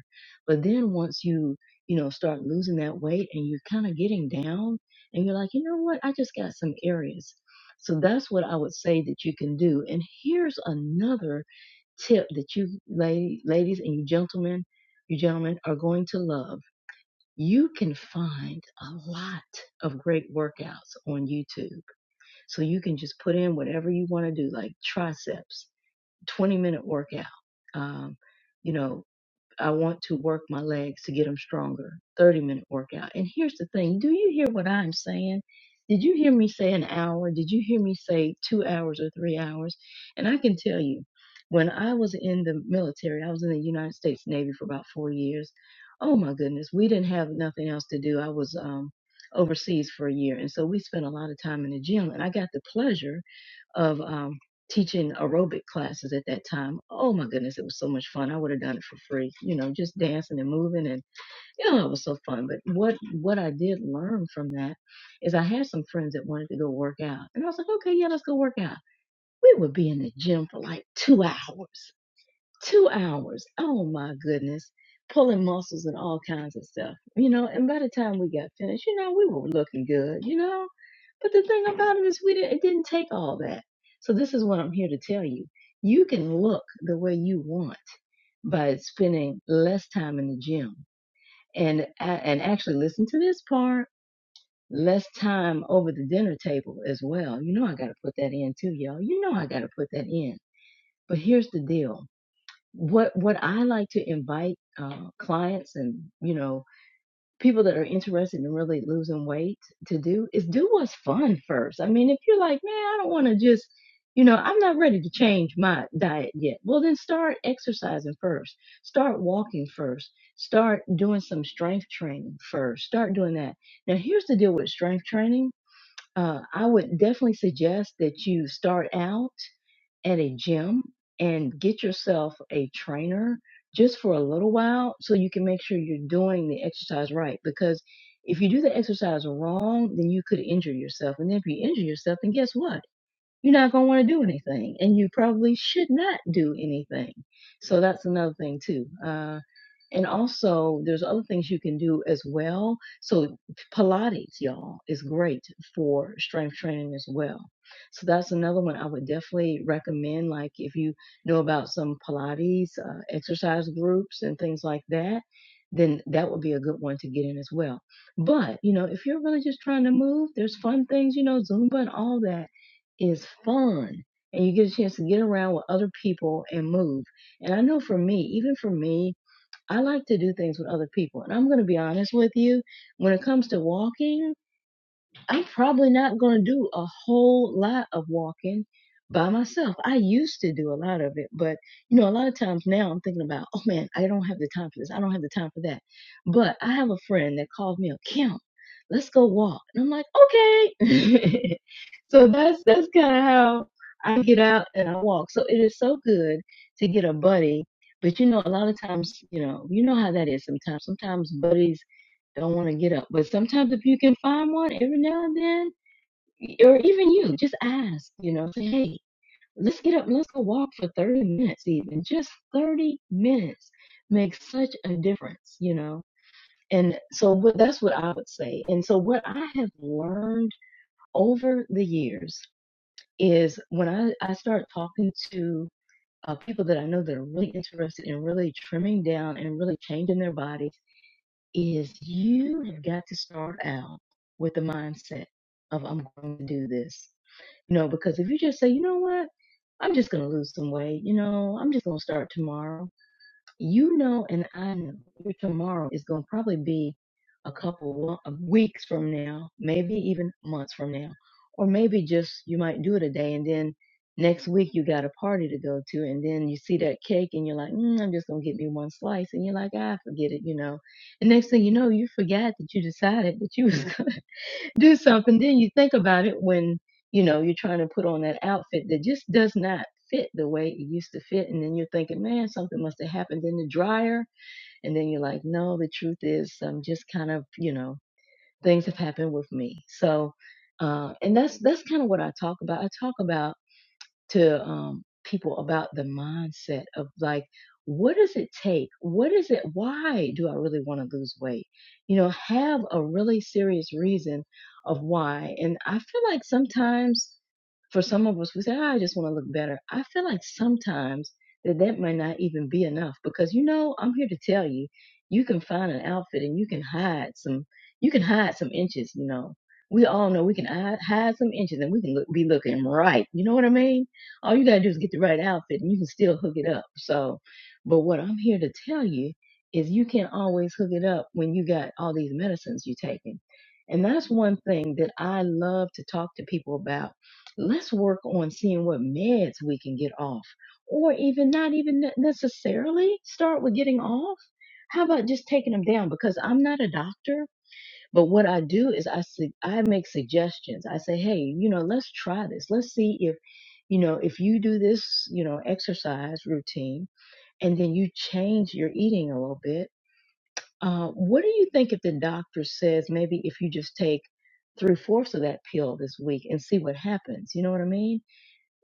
But then once you, you know, start losing that weight and you're kind of getting down and you're like, you know what, I just got some areas. So that's what I would say that you can do. And here's another tip that you lady, ladies and you gentlemen, you gentlemen are going to love. You can find a lot of great workouts on YouTube. So you can just put in whatever you want to do, like triceps, 20 minute workout. Um, you know, I want to work my legs to get them stronger. 30 minute workout. And here's the thing do you hear what I'm saying? Did you hear me say an hour? Did you hear me say two hours or three hours? And I can tell you, when I was in the military, I was in the United States Navy for about four years. Oh my goodness, we didn't have nothing else to do. I was um, overseas for a year. And so we spent a lot of time in the gym. And I got the pleasure of. um, teaching aerobic classes at that time. Oh my goodness, it was so much fun. I would have done it for free, you know, just dancing and moving and you know, it was so fun. But what what I did learn from that is I had some friends that wanted to go work out. And I was like, okay, yeah, let's go work out. We would be in the gym for like two hours. Two hours. Oh my goodness. Pulling muscles and all kinds of stuff. You know, and by the time we got finished, you know, we were looking good, you know. But the thing about it is, we didn't, it didn't take all that. So this is what I'm here to tell you. You can look the way you want by spending less time in the gym and, and actually listen to this part. Less time over the dinner table as well. You know, I got to put that in too, y'all. You know, I got to put that in. But here's the deal. What, what I like to invite, uh, clients and, you know, people that are interested in really losing weight to do is do what's fun first. I mean, if you're like, man, I don't want to just, you know, I'm not ready to change my diet yet. Well, then start exercising first. Start walking first. Start doing some strength training first. Start doing that. Now, here's the deal with strength training. Uh, I would definitely suggest that you start out at a gym and get yourself a trainer just for a little while so you can make sure you're doing the exercise right. Because if you do the exercise wrong, then you could injure yourself. And then if you injure yourself, then guess what? you're not going to want to do anything and you probably should not do anything so that's another thing too uh, and also there's other things you can do as well so pilates y'all is great for strength training as well so that's another one i would definitely recommend like if you know about some pilates uh, exercise groups and things like that then that would be a good one to get in as well but you know if you're really just trying to move there's fun things you know zumba and all that is fun and you get a chance to get around with other people and move. And I know for me, even for me, I like to do things with other people. And I'm going to be honest with you, when it comes to walking, I'm probably not going to do a whole lot of walking by myself. I used to do a lot of it, but you know, a lot of times now I'm thinking about, oh man, I don't have the time for this. I don't have the time for that. But I have a friend that called me, a Kim, let's go walk. And I'm like, okay. (laughs) so that's that's kind of how I get out and I walk. So it is so good to get a buddy. But you know, a lot of times, you know, you know how that is sometimes. Sometimes buddies don't want to get up. But sometimes if you can find one every now and then, or even you, just ask, you know, say, hey, let's get up and let's go walk for 30 minutes, even. Just 30 minutes makes such a difference, you know. And so what, that's what I would say. And so what I have learned over the years is when I, I start talking to uh, people that I know that are really interested in really trimming down and really changing their body is you have got to start out with the mindset of I'm going to do this. You know, because if you just say, you know what, I'm just going to lose some weight, you know, I'm just going to start tomorrow you know and I know your tomorrow is going to probably be a couple wo- of weeks from now, maybe even months from now, or maybe just you might do it a day and then next week you got a party to go to and then you see that cake and you're like, mm, I'm just going to get me one slice and you're like, ah, forget it, you know. And next thing you know, you forgot that you decided that you was (laughs) do something. Then you think about it when, you know, you're trying to put on that outfit that just does not fit the way it used to fit. And then you're thinking, man, something must have happened in the dryer. And then you're like, no, the truth is I'm just kind of, you know, things have happened with me. So, uh, and that's, that's kind of what I talk about. I talk about to um, people about the mindset of like, what does it take? What is it? Why do I really want to lose weight? You know, have a really serious reason of why. And I feel like sometimes for some of us, we say, "Ah, I just want to look better. I feel like sometimes that that might not even be enough because, you know, I'm here to tell you, you can find an outfit and you can hide some, you can hide some inches, you know. We all know we can hide hide some inches and we can look, be looking right. You know what I mean? All you gotta do is get the right outfit and you can still hook it up. So, but what I'm here to tell you is you can always hook it up when you got all these medicines you're taking. And that's one thing that I love to talk to people about. Let's work on seeing what meds we can get off, or even not even ne- necessarily start with getting off. How about just taking them down? Because I'm not a doctor, but what I do is I su- I make suggestions. I say, hey, you know, let's try this. Let's see if, you know, if you do this, you know, exercise routine, and then you change your eating a little bit. Uh, what do you think if the doctor says maybe if you just take three fourths of that pill this week and see what happens? You know what I mean?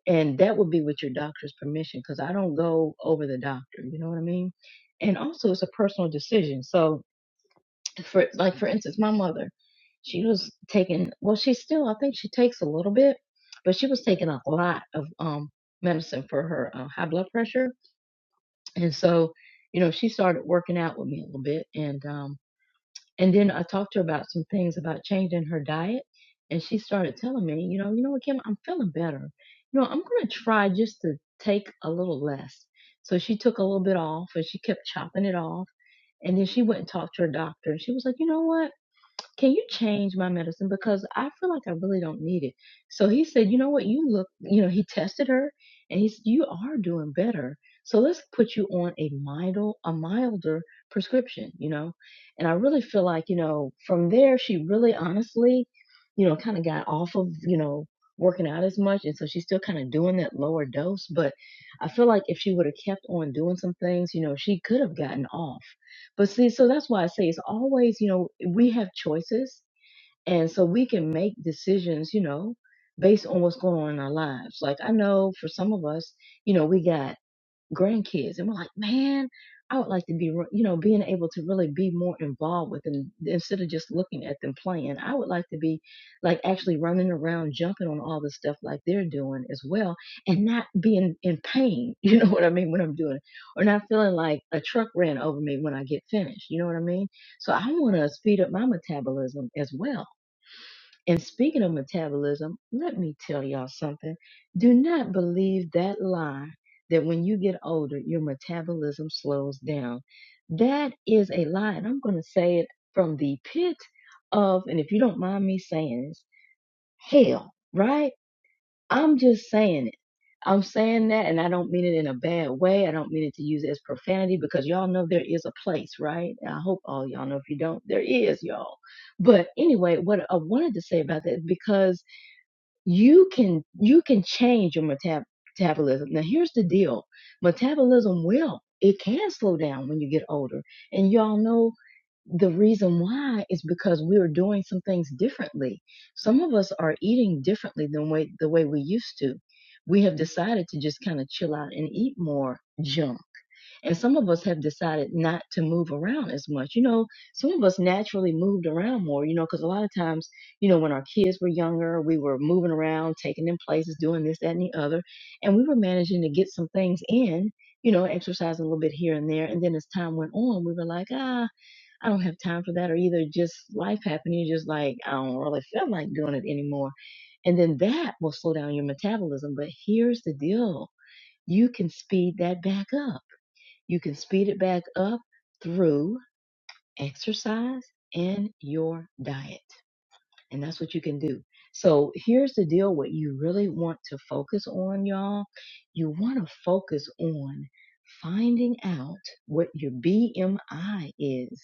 And that would be with your doctor's permission because I don't go over the doctor. You know what I mean? And also, it's a personal decision. So for like for instance, my mother, she was taking well, she still I think she takes a little bit, but she was taking a lot of um medicine for her uh, high blood pressure. And so, you know, she started working out with me a little bit and um and then I talked to her about some things about changing her diet and she started telling me, you know, you know what, Kim, I'm feeling better. You know, I'm gonna try just to take a little less. So she took a little bit off and she kept chopping it off. And then she went and talked to her doctor and she was like, you know what? can you change my medicine because I feel like I really don't need it. So he said, you know what, you look, you know, he tested her and he said, you are doing better. So let's put you on a milder, a milder prescription, you know. And I really feel like, you know, from there she really honestly, you know, kind of got off of, you know, working out as much and so she's still kind of doing that lower dose but i feel like if she would have kept on doing some things you know she could have gotten off but see, so that's why I say it's always, you know, we have choices. And so we can make decisions, you know, based on what's going on in our lives. Like I know for some of us, you know, we got grandkids and we're like man i would like to be re- you know being able to really be more involved with them instead of just looking at them playing i would like to be like actually running around jumping on all the stuff like they're doing as well and not being in pain (laughs) you know what i mean when i'm doing it or not feeling like a truck ran over me when i get finished you know what i mean so i want to speed up my metabolism as well and speaking of metabolism, let me tell y'all something. Do not believe that lie that when you get older, your metabolism slows down. That is a lie. And I'm going to say it from the pit of, and if you don't mind me saying this, hell, right? I'm just saying it. I'm saying that, and I don't mean it in a bad way. I don't mean it to use as profanity because y'all know there is a place, right? I hope all y'all know. If you don't, there is, y'all. But anyway, what I wanted to say about that, because you can you can change your metab- metabolism. Now here's the deal. Metabolism will it can slow down when you get older. And y'all know the reason why is because we are doing some things differently. Some of us are eating differently than way the way we used to. We have decided to just kind of chill out and eat more junk and some of us have decided not to move around as much. You know, some of us naturally moved around more, you know, because a lot of times, you know, when our kids were younger, we were moving around, taking them places, doing this, that, and the other. And we were managing to get some things in, you know, exercising a little bit here and there. And then as time went on, we were like, ah, I don't have time for that. Or either just life happening, you're just like, I don't really feel like doing it anymore. And then that will slow down your metabolism. But here's the deal you can speed that back up you can speed it back up through exercise and your diet. And that's what you can do. So here's the deal what you really want to focus on, y'all. You want to focus on finding out what your BMI is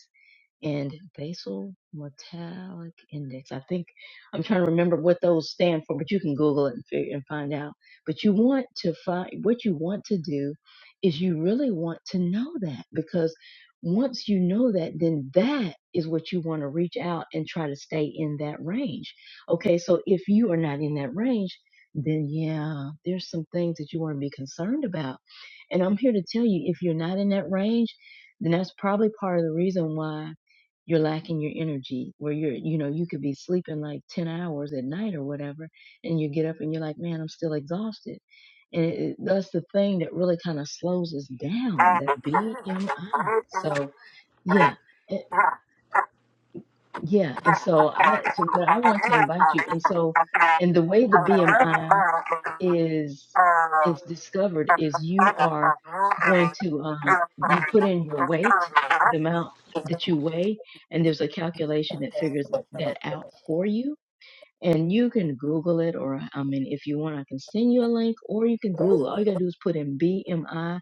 and basal metallic index. I think I'm trying to remember what those stand for, but you can Google it and figure and find out. But you want to find what you want to do is you really want to know that because once you know that, then that is what you want to reach out and try to stay in that range. Okay, so if you are not in that range, then yeah, there's some things that you want to be concerned about. And I'm here to tell you if you're not in that range, then that's probably part of the reason why you're lacking your energy where you're you know you could be sleeping like 10 hours at night or whatever and you get up and you're like man i'm still exhausted and it, it- that's the thing that really kind of slows us down that bmi so yeah it- yeah and so i so but i want to invite you and so and the way the bmi is is discovered is you are going to um, you put in your weight the amount that you weigh and there's a calculation that figures that out for you and you can google it or i mean if you want i can send you a link or you can google
right.
all you gotta do is put in bmi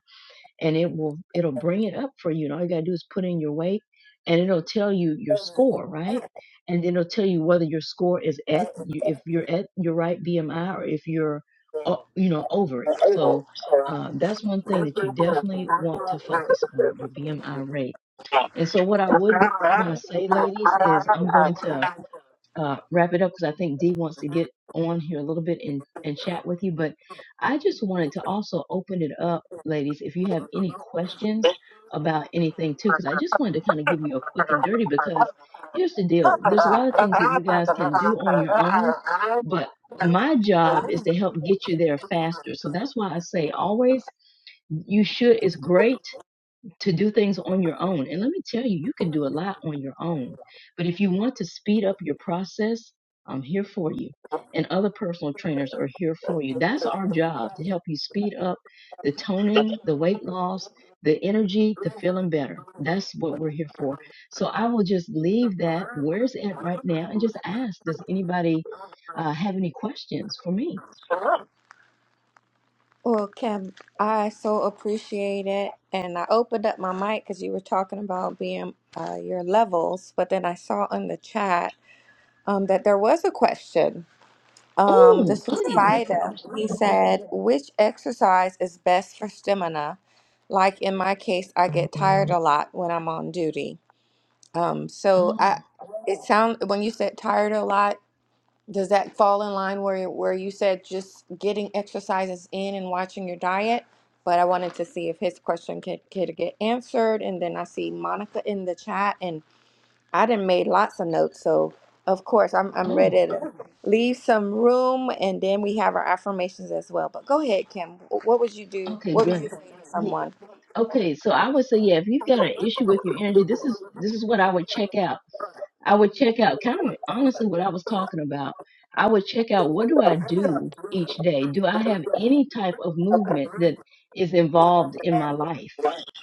and it will it'll bring it up for you and all you gotta do is put in your weight and it'll tell you your score right and then it'll tell you whether your score is at you if you're at your right bmi or if you're o- you know over it so uh, that's one thing that you definitely want to focus on your bmi rate and so what i would want to say ladies is i'm going to uh, wrap it up because I think Dee wants to get on here a little bit and, and chat with you. But I just wanted to also open it up, ladies, if you have any questions about anything too, because I just wanted to kind of give you a quick and dirty
(laughs)
because here's the
Well,
deal there's a lot of things that you guys can do on your own, but my job is to help get you there faster. So that's why I say always you should, it's great to do things on your own. And let me tell you, you can do a lot on your own. But if you want to speed up your process, I'm here for you. And other personal trainers are here for you. That's our job to help you speed up the toning, the weight loss, the energy, the feeling better. That's what we're here for. So I will just leave that where it's at right now and just ask Does anybody uh, have any questions for me?
Kim, I so appreciate it. And I opened up my mic because you were talking about being uh, your levels, but then I saw in the chat um, that there was a question. Um,
Oh,
this was
please. What's the
Saida.
question?
He
again?
said, which exercise is best for stamina? Like in my case, I get tired a lot when I'm on duty. Um, so I,
Oh,
it sound when you said tired a lot, does that fall in line where where you said just getting exercises in and watching your diet? But I wanted to see if his question could, could get answered, and then I see Monica in the chat, I done made lots of notes, so of course I'm I'm
oh,
ready to leave some room, and then we have our affirmations as well. But go ahead, Kim. Wh- What would you do?
okay,
What would you
great.
say to someone?
Okay, so I would say, yeah, if you've got an issue with your energy, this is this is what I would check out. I would check out kind of honestly what I was talking about. I would check out what do I do each day? Do I have any type of movement that is involved in my life?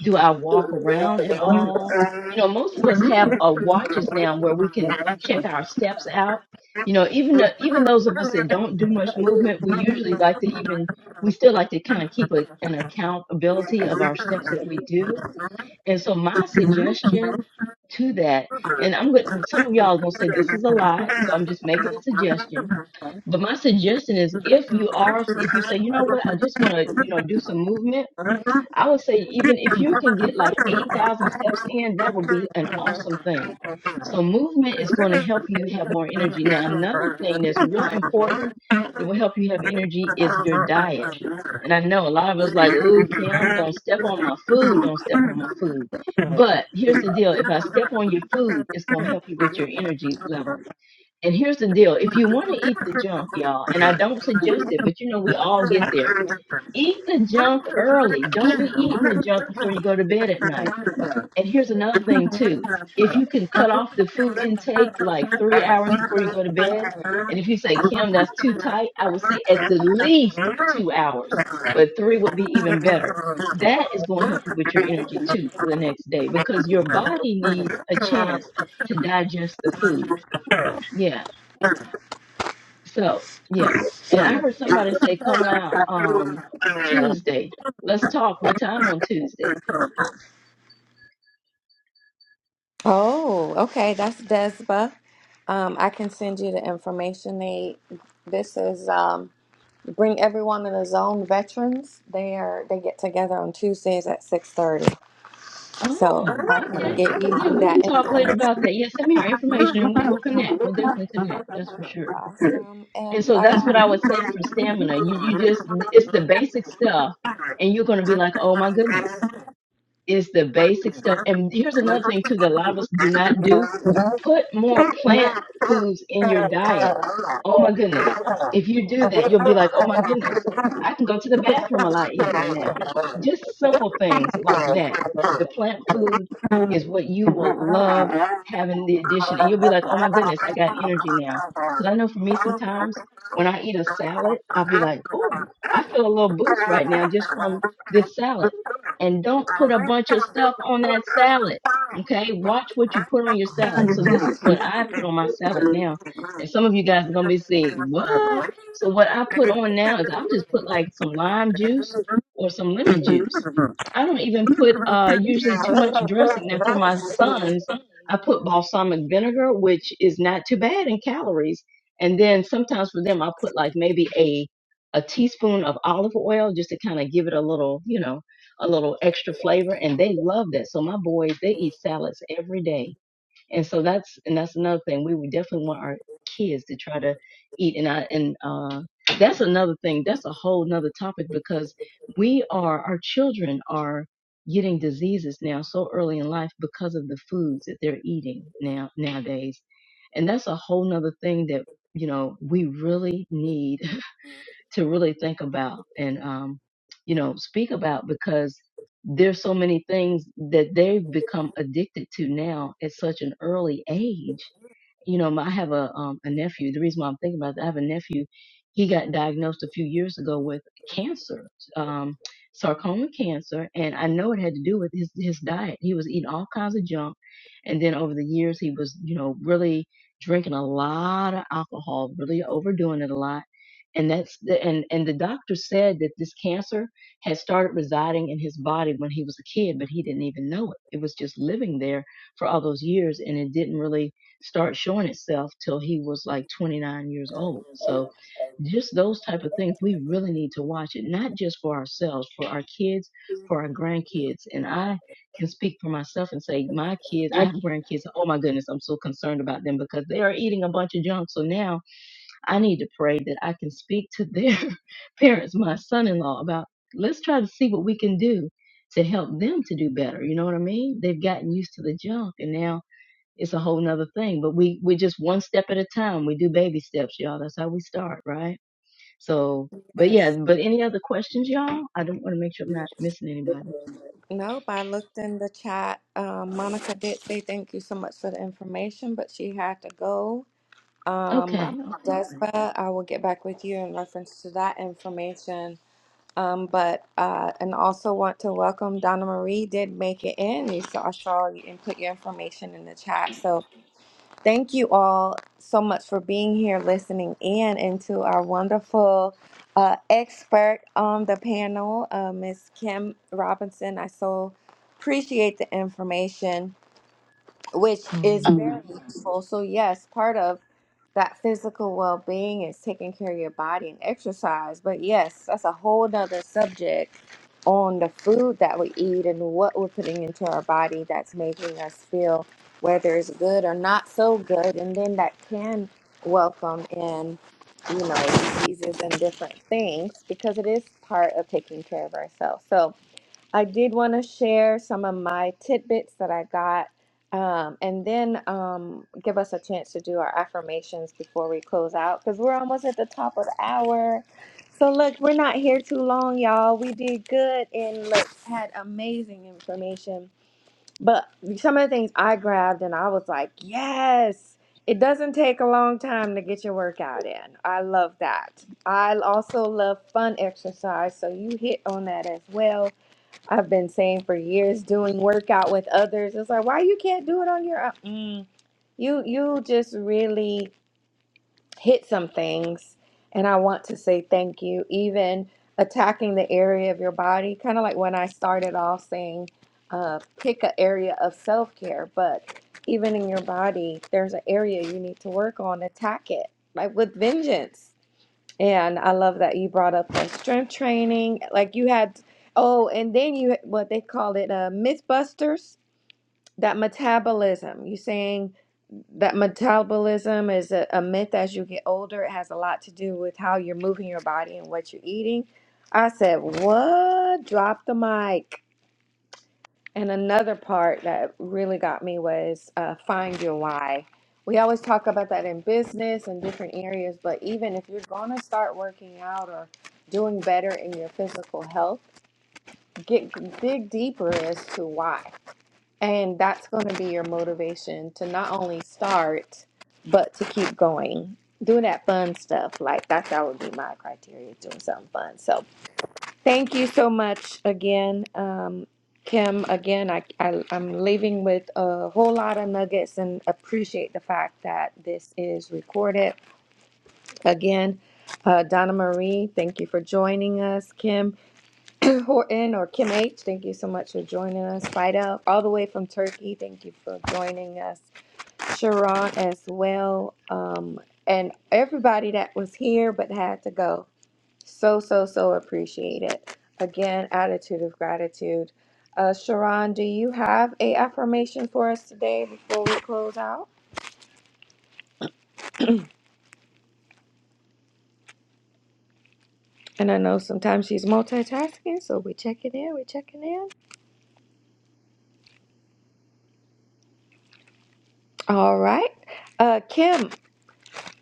Do I walk around at all? You know, most of us have uh, watches now where we can check our steps out. You know, even the, even those of us that don't do much movement, we usually like to even we still like to kind of keep a, an
Thank
accountability of our steps that we do and so my suggestion to that, and I'm going some of y'all are gonna say this is a lot, so I'm just making a suggestion. But my suggestion is if you are if you say, you know what, I just wanna, you know, do some movement, I would say even if you can get like eight thousand steps in, that would be an awesome thing. So movement is going to help you have more energy. Now another thing that's real important that will help you have energy is your diet
you.
and I know a lot of us like, ooh, Kim, don't step on my food, don't step on my food. But here's the deal if I step on your food, it's going to help you with your energy level. And here's the deal if you want to eat the junk, y'all, and I don't suggest it, but you know, we all get there. Eat the junk early. Don't be eating the junk before you go to bed at night and here's another thing too. If you can cut off the food intake like three hours before you go to bed, and if you say, Kim, that's too tight, I would say at the least two hours, but three would be even better. That is going to help you with your energy too for the next day because your body needs a chance to digest the food. Yeah. So, yeah. And I heard somebody say, come out um, Tuesday. Let's talk. What time on Tuesday?
Oh, okay. That's Desba. Um, I can send you the information, Nate. This is um, Bring everyone in the zone. Veterans, they are they get together on Tuesdays at six thirty. So
Oh,
if I can
okay.
get you
Yeah, we
that
can talk later
information.
about that. Yeah, send me your information and we'll, we'll connect. We'll definitely connect. That's for sure.
Awesome.
And
And
so that's what I would say for stamina. You you just it's the basic stuff, and you're gonna be like, oh my goodness, it's the basic stuff. And here's another thing too that a lot of us do not do put more plant foods in your diet. Oh my goodness. If you do that, you'll be like, oh my goodness, I can go to the bathroom a lot easier now.
Friday, (laughs)
Just simple things like that. The plant food is what you will love having the addition. And you'll be like, oh my goodness, I got energy now. Because I know for me, sometimes when I eat a salad, I'll be like, oh, I feel a little boost right now just from this salad. And don't put a bunch of stuff on that salad Okay, watch what you put on your salad. So this is what I put on my salad now, and some of you guys are gonna be saying, "What?" So what I put on now is I'll just put like some lime juice or some lemon juice. I don't even put uh usually too much dressing. Now for my sons, I put balsamic vinegar, which is not too bad in calories. And then sometimes for them, I'll put like maybe a a teaspoon of olive oil just to kind of give it a little, you know, a little extra flavor and they love that. So my boys, they eat salads every day. And so that's and that's another thing. We would definitely want our kids to try to eat and I and uh that's another thing. That's a whole nother topic because we are our children are getting diseases now so early in life because of the foods that they're eating now nowadays. And that's a whole nother thing that, you know, we really need to really think about and um, you know speak about because there's so many things that they've become addicted to now at such an early age you know, my- I have a um, a nephew. The reason why I'm thinking about that, I have a nephew. He got diagnosed a few years ago with cancer, um, sarcoma cancer, and I know it had to do with his his diet. He was eating all kinds of junk, and then over the years he was, you know, really drinking a lot of alcohol, really overdoing it a lot. And that's the, and and the doctor said that this cancer had started residing in his body when he was a kid, but he didn't even know it. It was just living there for all those years, and it didn't really start showing itself till he was like 29 years old. So just those type of things we really need to watch it not just for ourselves for our kids for our grandkids and i can speak for myself and say my kids i have grandkids oh my goodness i'm so concerned about them because they are eating a bunch of junk so now i need to pray that i can speak to their (laughs) parents my son-in-law about let's try to see what we can do to help them to do better you know what i mean they've gotten used to the junk and now it's a whole nother thing. But we we just one step at a time. We do baby steps, y'all. That's how we start, right? So, but yeah.
Yes.
But any other questions, y'all? I don't want to make sure I'm not missing anybody.
Nope, I looked in the chat. Um, Monica did say thank you so much for the information, but she had to go.
Okay.
Um,
Okay. Great.
Despa, I will get back with you in reference to that information. Um, but uh, and also want to welcome Donna Marie. Did make it in. You saw, I saw you and put your information in the chat. So Thank you all so much for being here, listening in, and to our wonderful uh, expert on the panel, uh, Ms. Kim Robinson. I so appreciate the information which
Oh,
is
no
very
problem.
Um, useful. So, yes, part of that physical well being is taking care of your body and exercise. But, yes, that's a whole nother subject on the food that we eat and what we're putting into our body that's making us feel whether it's good or not so good. And then that can welcome in, you know, diseases and different things because it is part of taking care of ourselves. So, I did want to share some of my tidbits that I got, um, and then um, give us a chance to do our affirmations before we close out because we're almost at the top of the hour. So look, we're not here too long, y'all. We did good and like had amazing information. But some of the things I grabbed and I was like, yes, it doesn't take a long time to get your workout in. I love that. I also love fun exercise, so you hit on that as well I've been saying for years, doing workout with others. It's like, why you can't do it on your own? Mm. You you just really hit some things, and I want to say thank you. Even attacking the area of your body, kind of like when I started off saying, uh, pick an area of self care. But even in your body, there's an area you need to work on. Attack it like with vengeance. And I love that you brought up the strength training. Like you had, oh, and then you what they call it, uh, MythBusters. That metabolism. You saying that metabolism is a, a myth as you get older. It has a lot to do with how you're moving your body and what you're eating. I said, what? Drop the mic. And another part that really got me was uh, find your why. We always talk about that in business and different areas, but even if you're going to start working out or doing better in your physical health, get dig deeper as to why. And that's going to be your motivation to not only start, but to keep going. Doing that fun stuff, like that's that would be my criteria, doing something fun. So Thank you so much again, um, Kim. Again, I, I, I'm leaving with a whole lot of nuggets and appreciate the fact that this is recorded. Again, uh, Donna Marie, thank you for joining us. Kim (clears throat) Horton or Kim H, thank you so much for joining us. Fido, all the way from Turkey, thank you for joining us. Sharon as well. Um, and everybody that was here but had to go. So, so, so appreciate it. Again, attitude of gratitude. Uh, Sharon, do you have a affirmation for us today before we close out? And I know sometimes she's multitasking, so we're checking in, we're checking in. All right. Uh, Kim,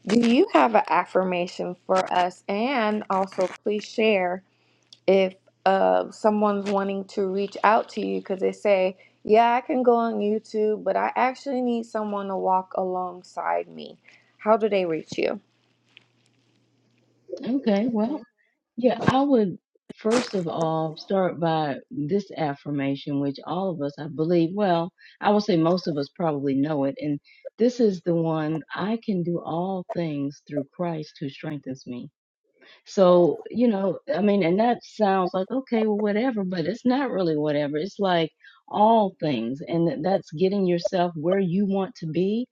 do you have an affirmation for us? And also, please share if uh, someone's wanting to reach out to you because they say, Yeah, I can go on YouTube, but I actually need someone to walk alongside me. How do they reach you?
Okay. Well, yeah. I would first of all start by this affirmation, which all of us, I believe. Well, I will say most of us probably know it, and this is the one I can do all things through Christ who strengthens me. So, you know, I mean, and that sounds like, okay, well, whatever, but it's not really whatever. It's like all things. And that- that's getting yourself where you want to be,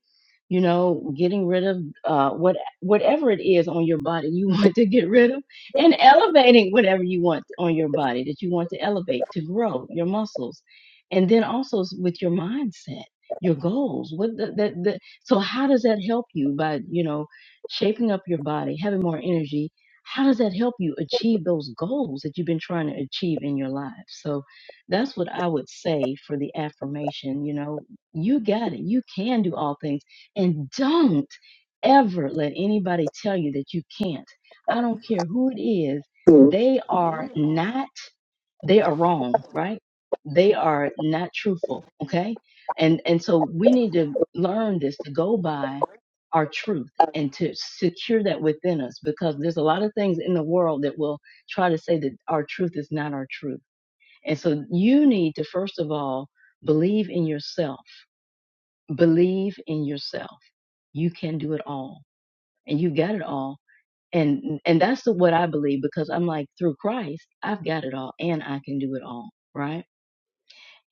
you know, getting rid of uh, what whatever it is on your body you (laughs) want to get rid of and elevating whatever you want on your body that you want to elevate to grow your muscles. And then also s- with your mindset, your goals. What the, the, the, so how does that help you by, you know, shaping up your body, having more energy, how does that help you achieve those goals that you've been trying to achieve in your life? So that's what I would say for the affirmation. You know, you got it. You can do all things. And don't ever let anybody tell you that you can't. I don't care who it is.
Sure.
They are not they are wrong, right? They are not truthful, okay? And and so we need to learn this to go by our truth and to secure that within us because there's a lot of things in the world that will try to say that our truth is not our truth. And so you need to first of all believe in yourself. Believe in yourself. You can do it all and you got it all. And and that's the, what I believe because I'm like through Christ, I've got it all and I can do it all, right?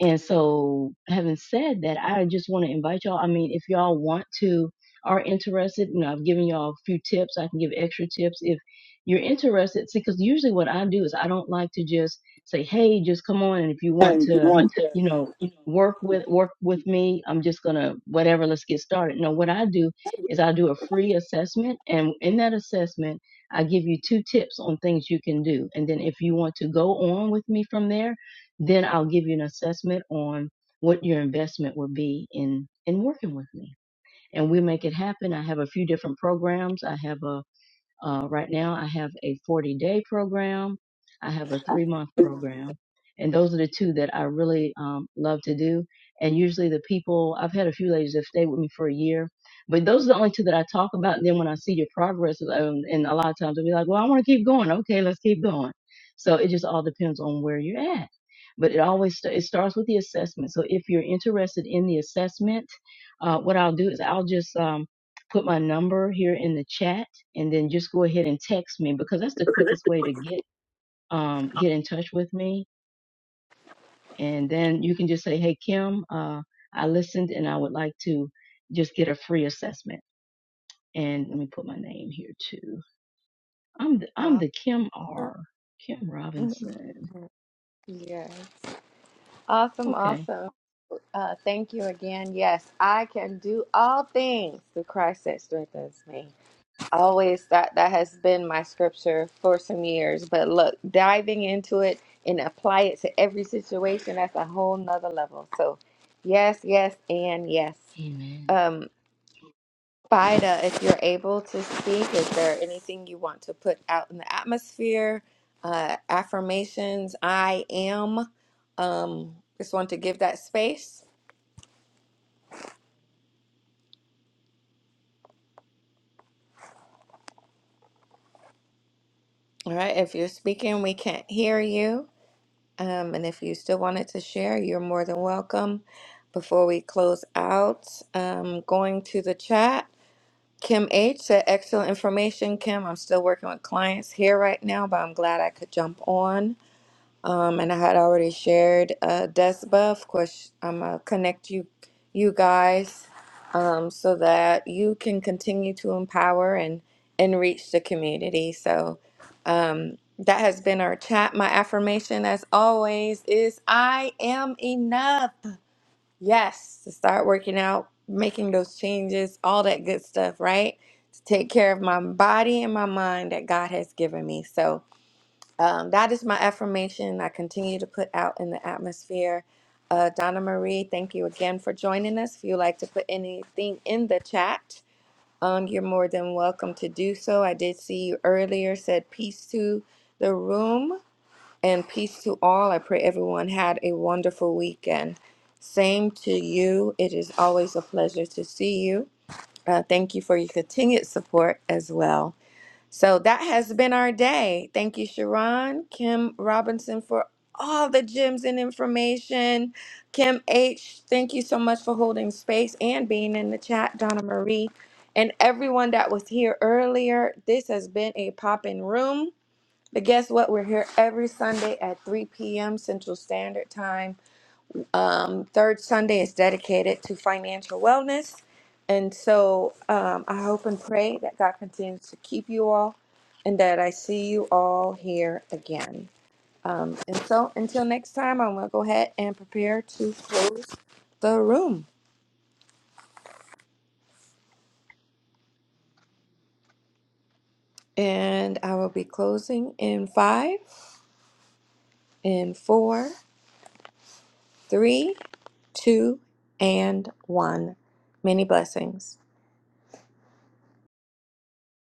And so, having said that, I just want to invite y'all. I mean, if y'all want to, are interested, you know, I've given y'all a few tips. I can give extra tips if you're interested. See, because usually what I do is I don't like to just say, hey, just come on. And if you want
And if you
to,
want to.
you know, work with work with me i'm just gonna whatever let's get started no what i do is i do a free assessment and in that assessment i give you two tips on things you can do and then if you want to go on with me from there then I'll give you an assessment on what your investment would be in in working with me. And we make it happen. I have a few different programs. I have a uh, right now, I have a 40 day program, I have a three month program. And those are the two that I really um, love to do. And usually, the people I've had a few ladies that stay with me for a year, but those are the only two that I talk about. And then when I see your progress, um, and a lot of times I'll be like, well, I want to keep going. Okay, let's keep going. So it just all depends on where you're at. But it always sta- it starts with the assessment. So if you're interested in the assessment, uh, what I'll do is I'll just um, put my number here in the chat and then just go ahead and text me because that's the quickest way to get um get in touch with me and then you can just say hey kim uh i listened and i would like to just get a free assessment and let me put my name here too i'm the i'm
Awesome.
the kim
(laughs)
r kim robinson
Mhm. Yes. Awesome.
okay
Awesome. Uh, thank you again. Yes, I can do all things through Christ that strengthens me. Always that that has been my scripture for some years. But look, diving into it and apply it to every situation, that's a whole nother level. So yes, yes, and yes.
amen
Um Bida, if you're able to speak, is there anything you want to put out in the atmosphere? Uh affirmations, I am. Um just want to give that space. All right. If you're speaking, we can't hear you. Um, and if you still wanted to share, you're more than welcome. Before we close out, um, going to the chat, Kim H said, Excellent information, Kim. I'm still working with clients here right now, but I'm glad I could jump on. Um, and I had already shared uh, DESBA. Of course, I'm gonna connect you, you guys, um, so that you can continue to empower and and reach the community. So um, that has been our chat. My affirmation, as always, is I am enough. Yes, to start working out, making those changes, all that good stuff, right? To take care of my body and my mind that God has given me. So. Um, that is my affirmation I continue to put out in the atmosphere. Uh, Donna Marie, thank you again for joining us. If you'd like to put anything in the chat, um, you're more than welcome to do so. I did see you earlier, said peace to the room and peace to all. I pray everyone had a wonderful weekend. Same to you. It is always a pleasure to see you. Uh, thank you for your continued support as well. So that has been our day. Thank you, Sharon, Kim Robinson, for all the gems and information. Kim H, thank you so much for holding space and being in the chat. Donna Marie, and everyone that was here earlier. This has been a poppin' room. But guess what? We're here every Sunday at 3 p.m. Central Standard Time. Um, third Sunday is dedicated to financial wellness. And so um, I hope and pray that God continues to keep you all and that I see you all here again. Um, and so until next time, I'm going to go ahead and prepare to close the room. And I will be closing in five, in four, three, two, and one. Many blessings.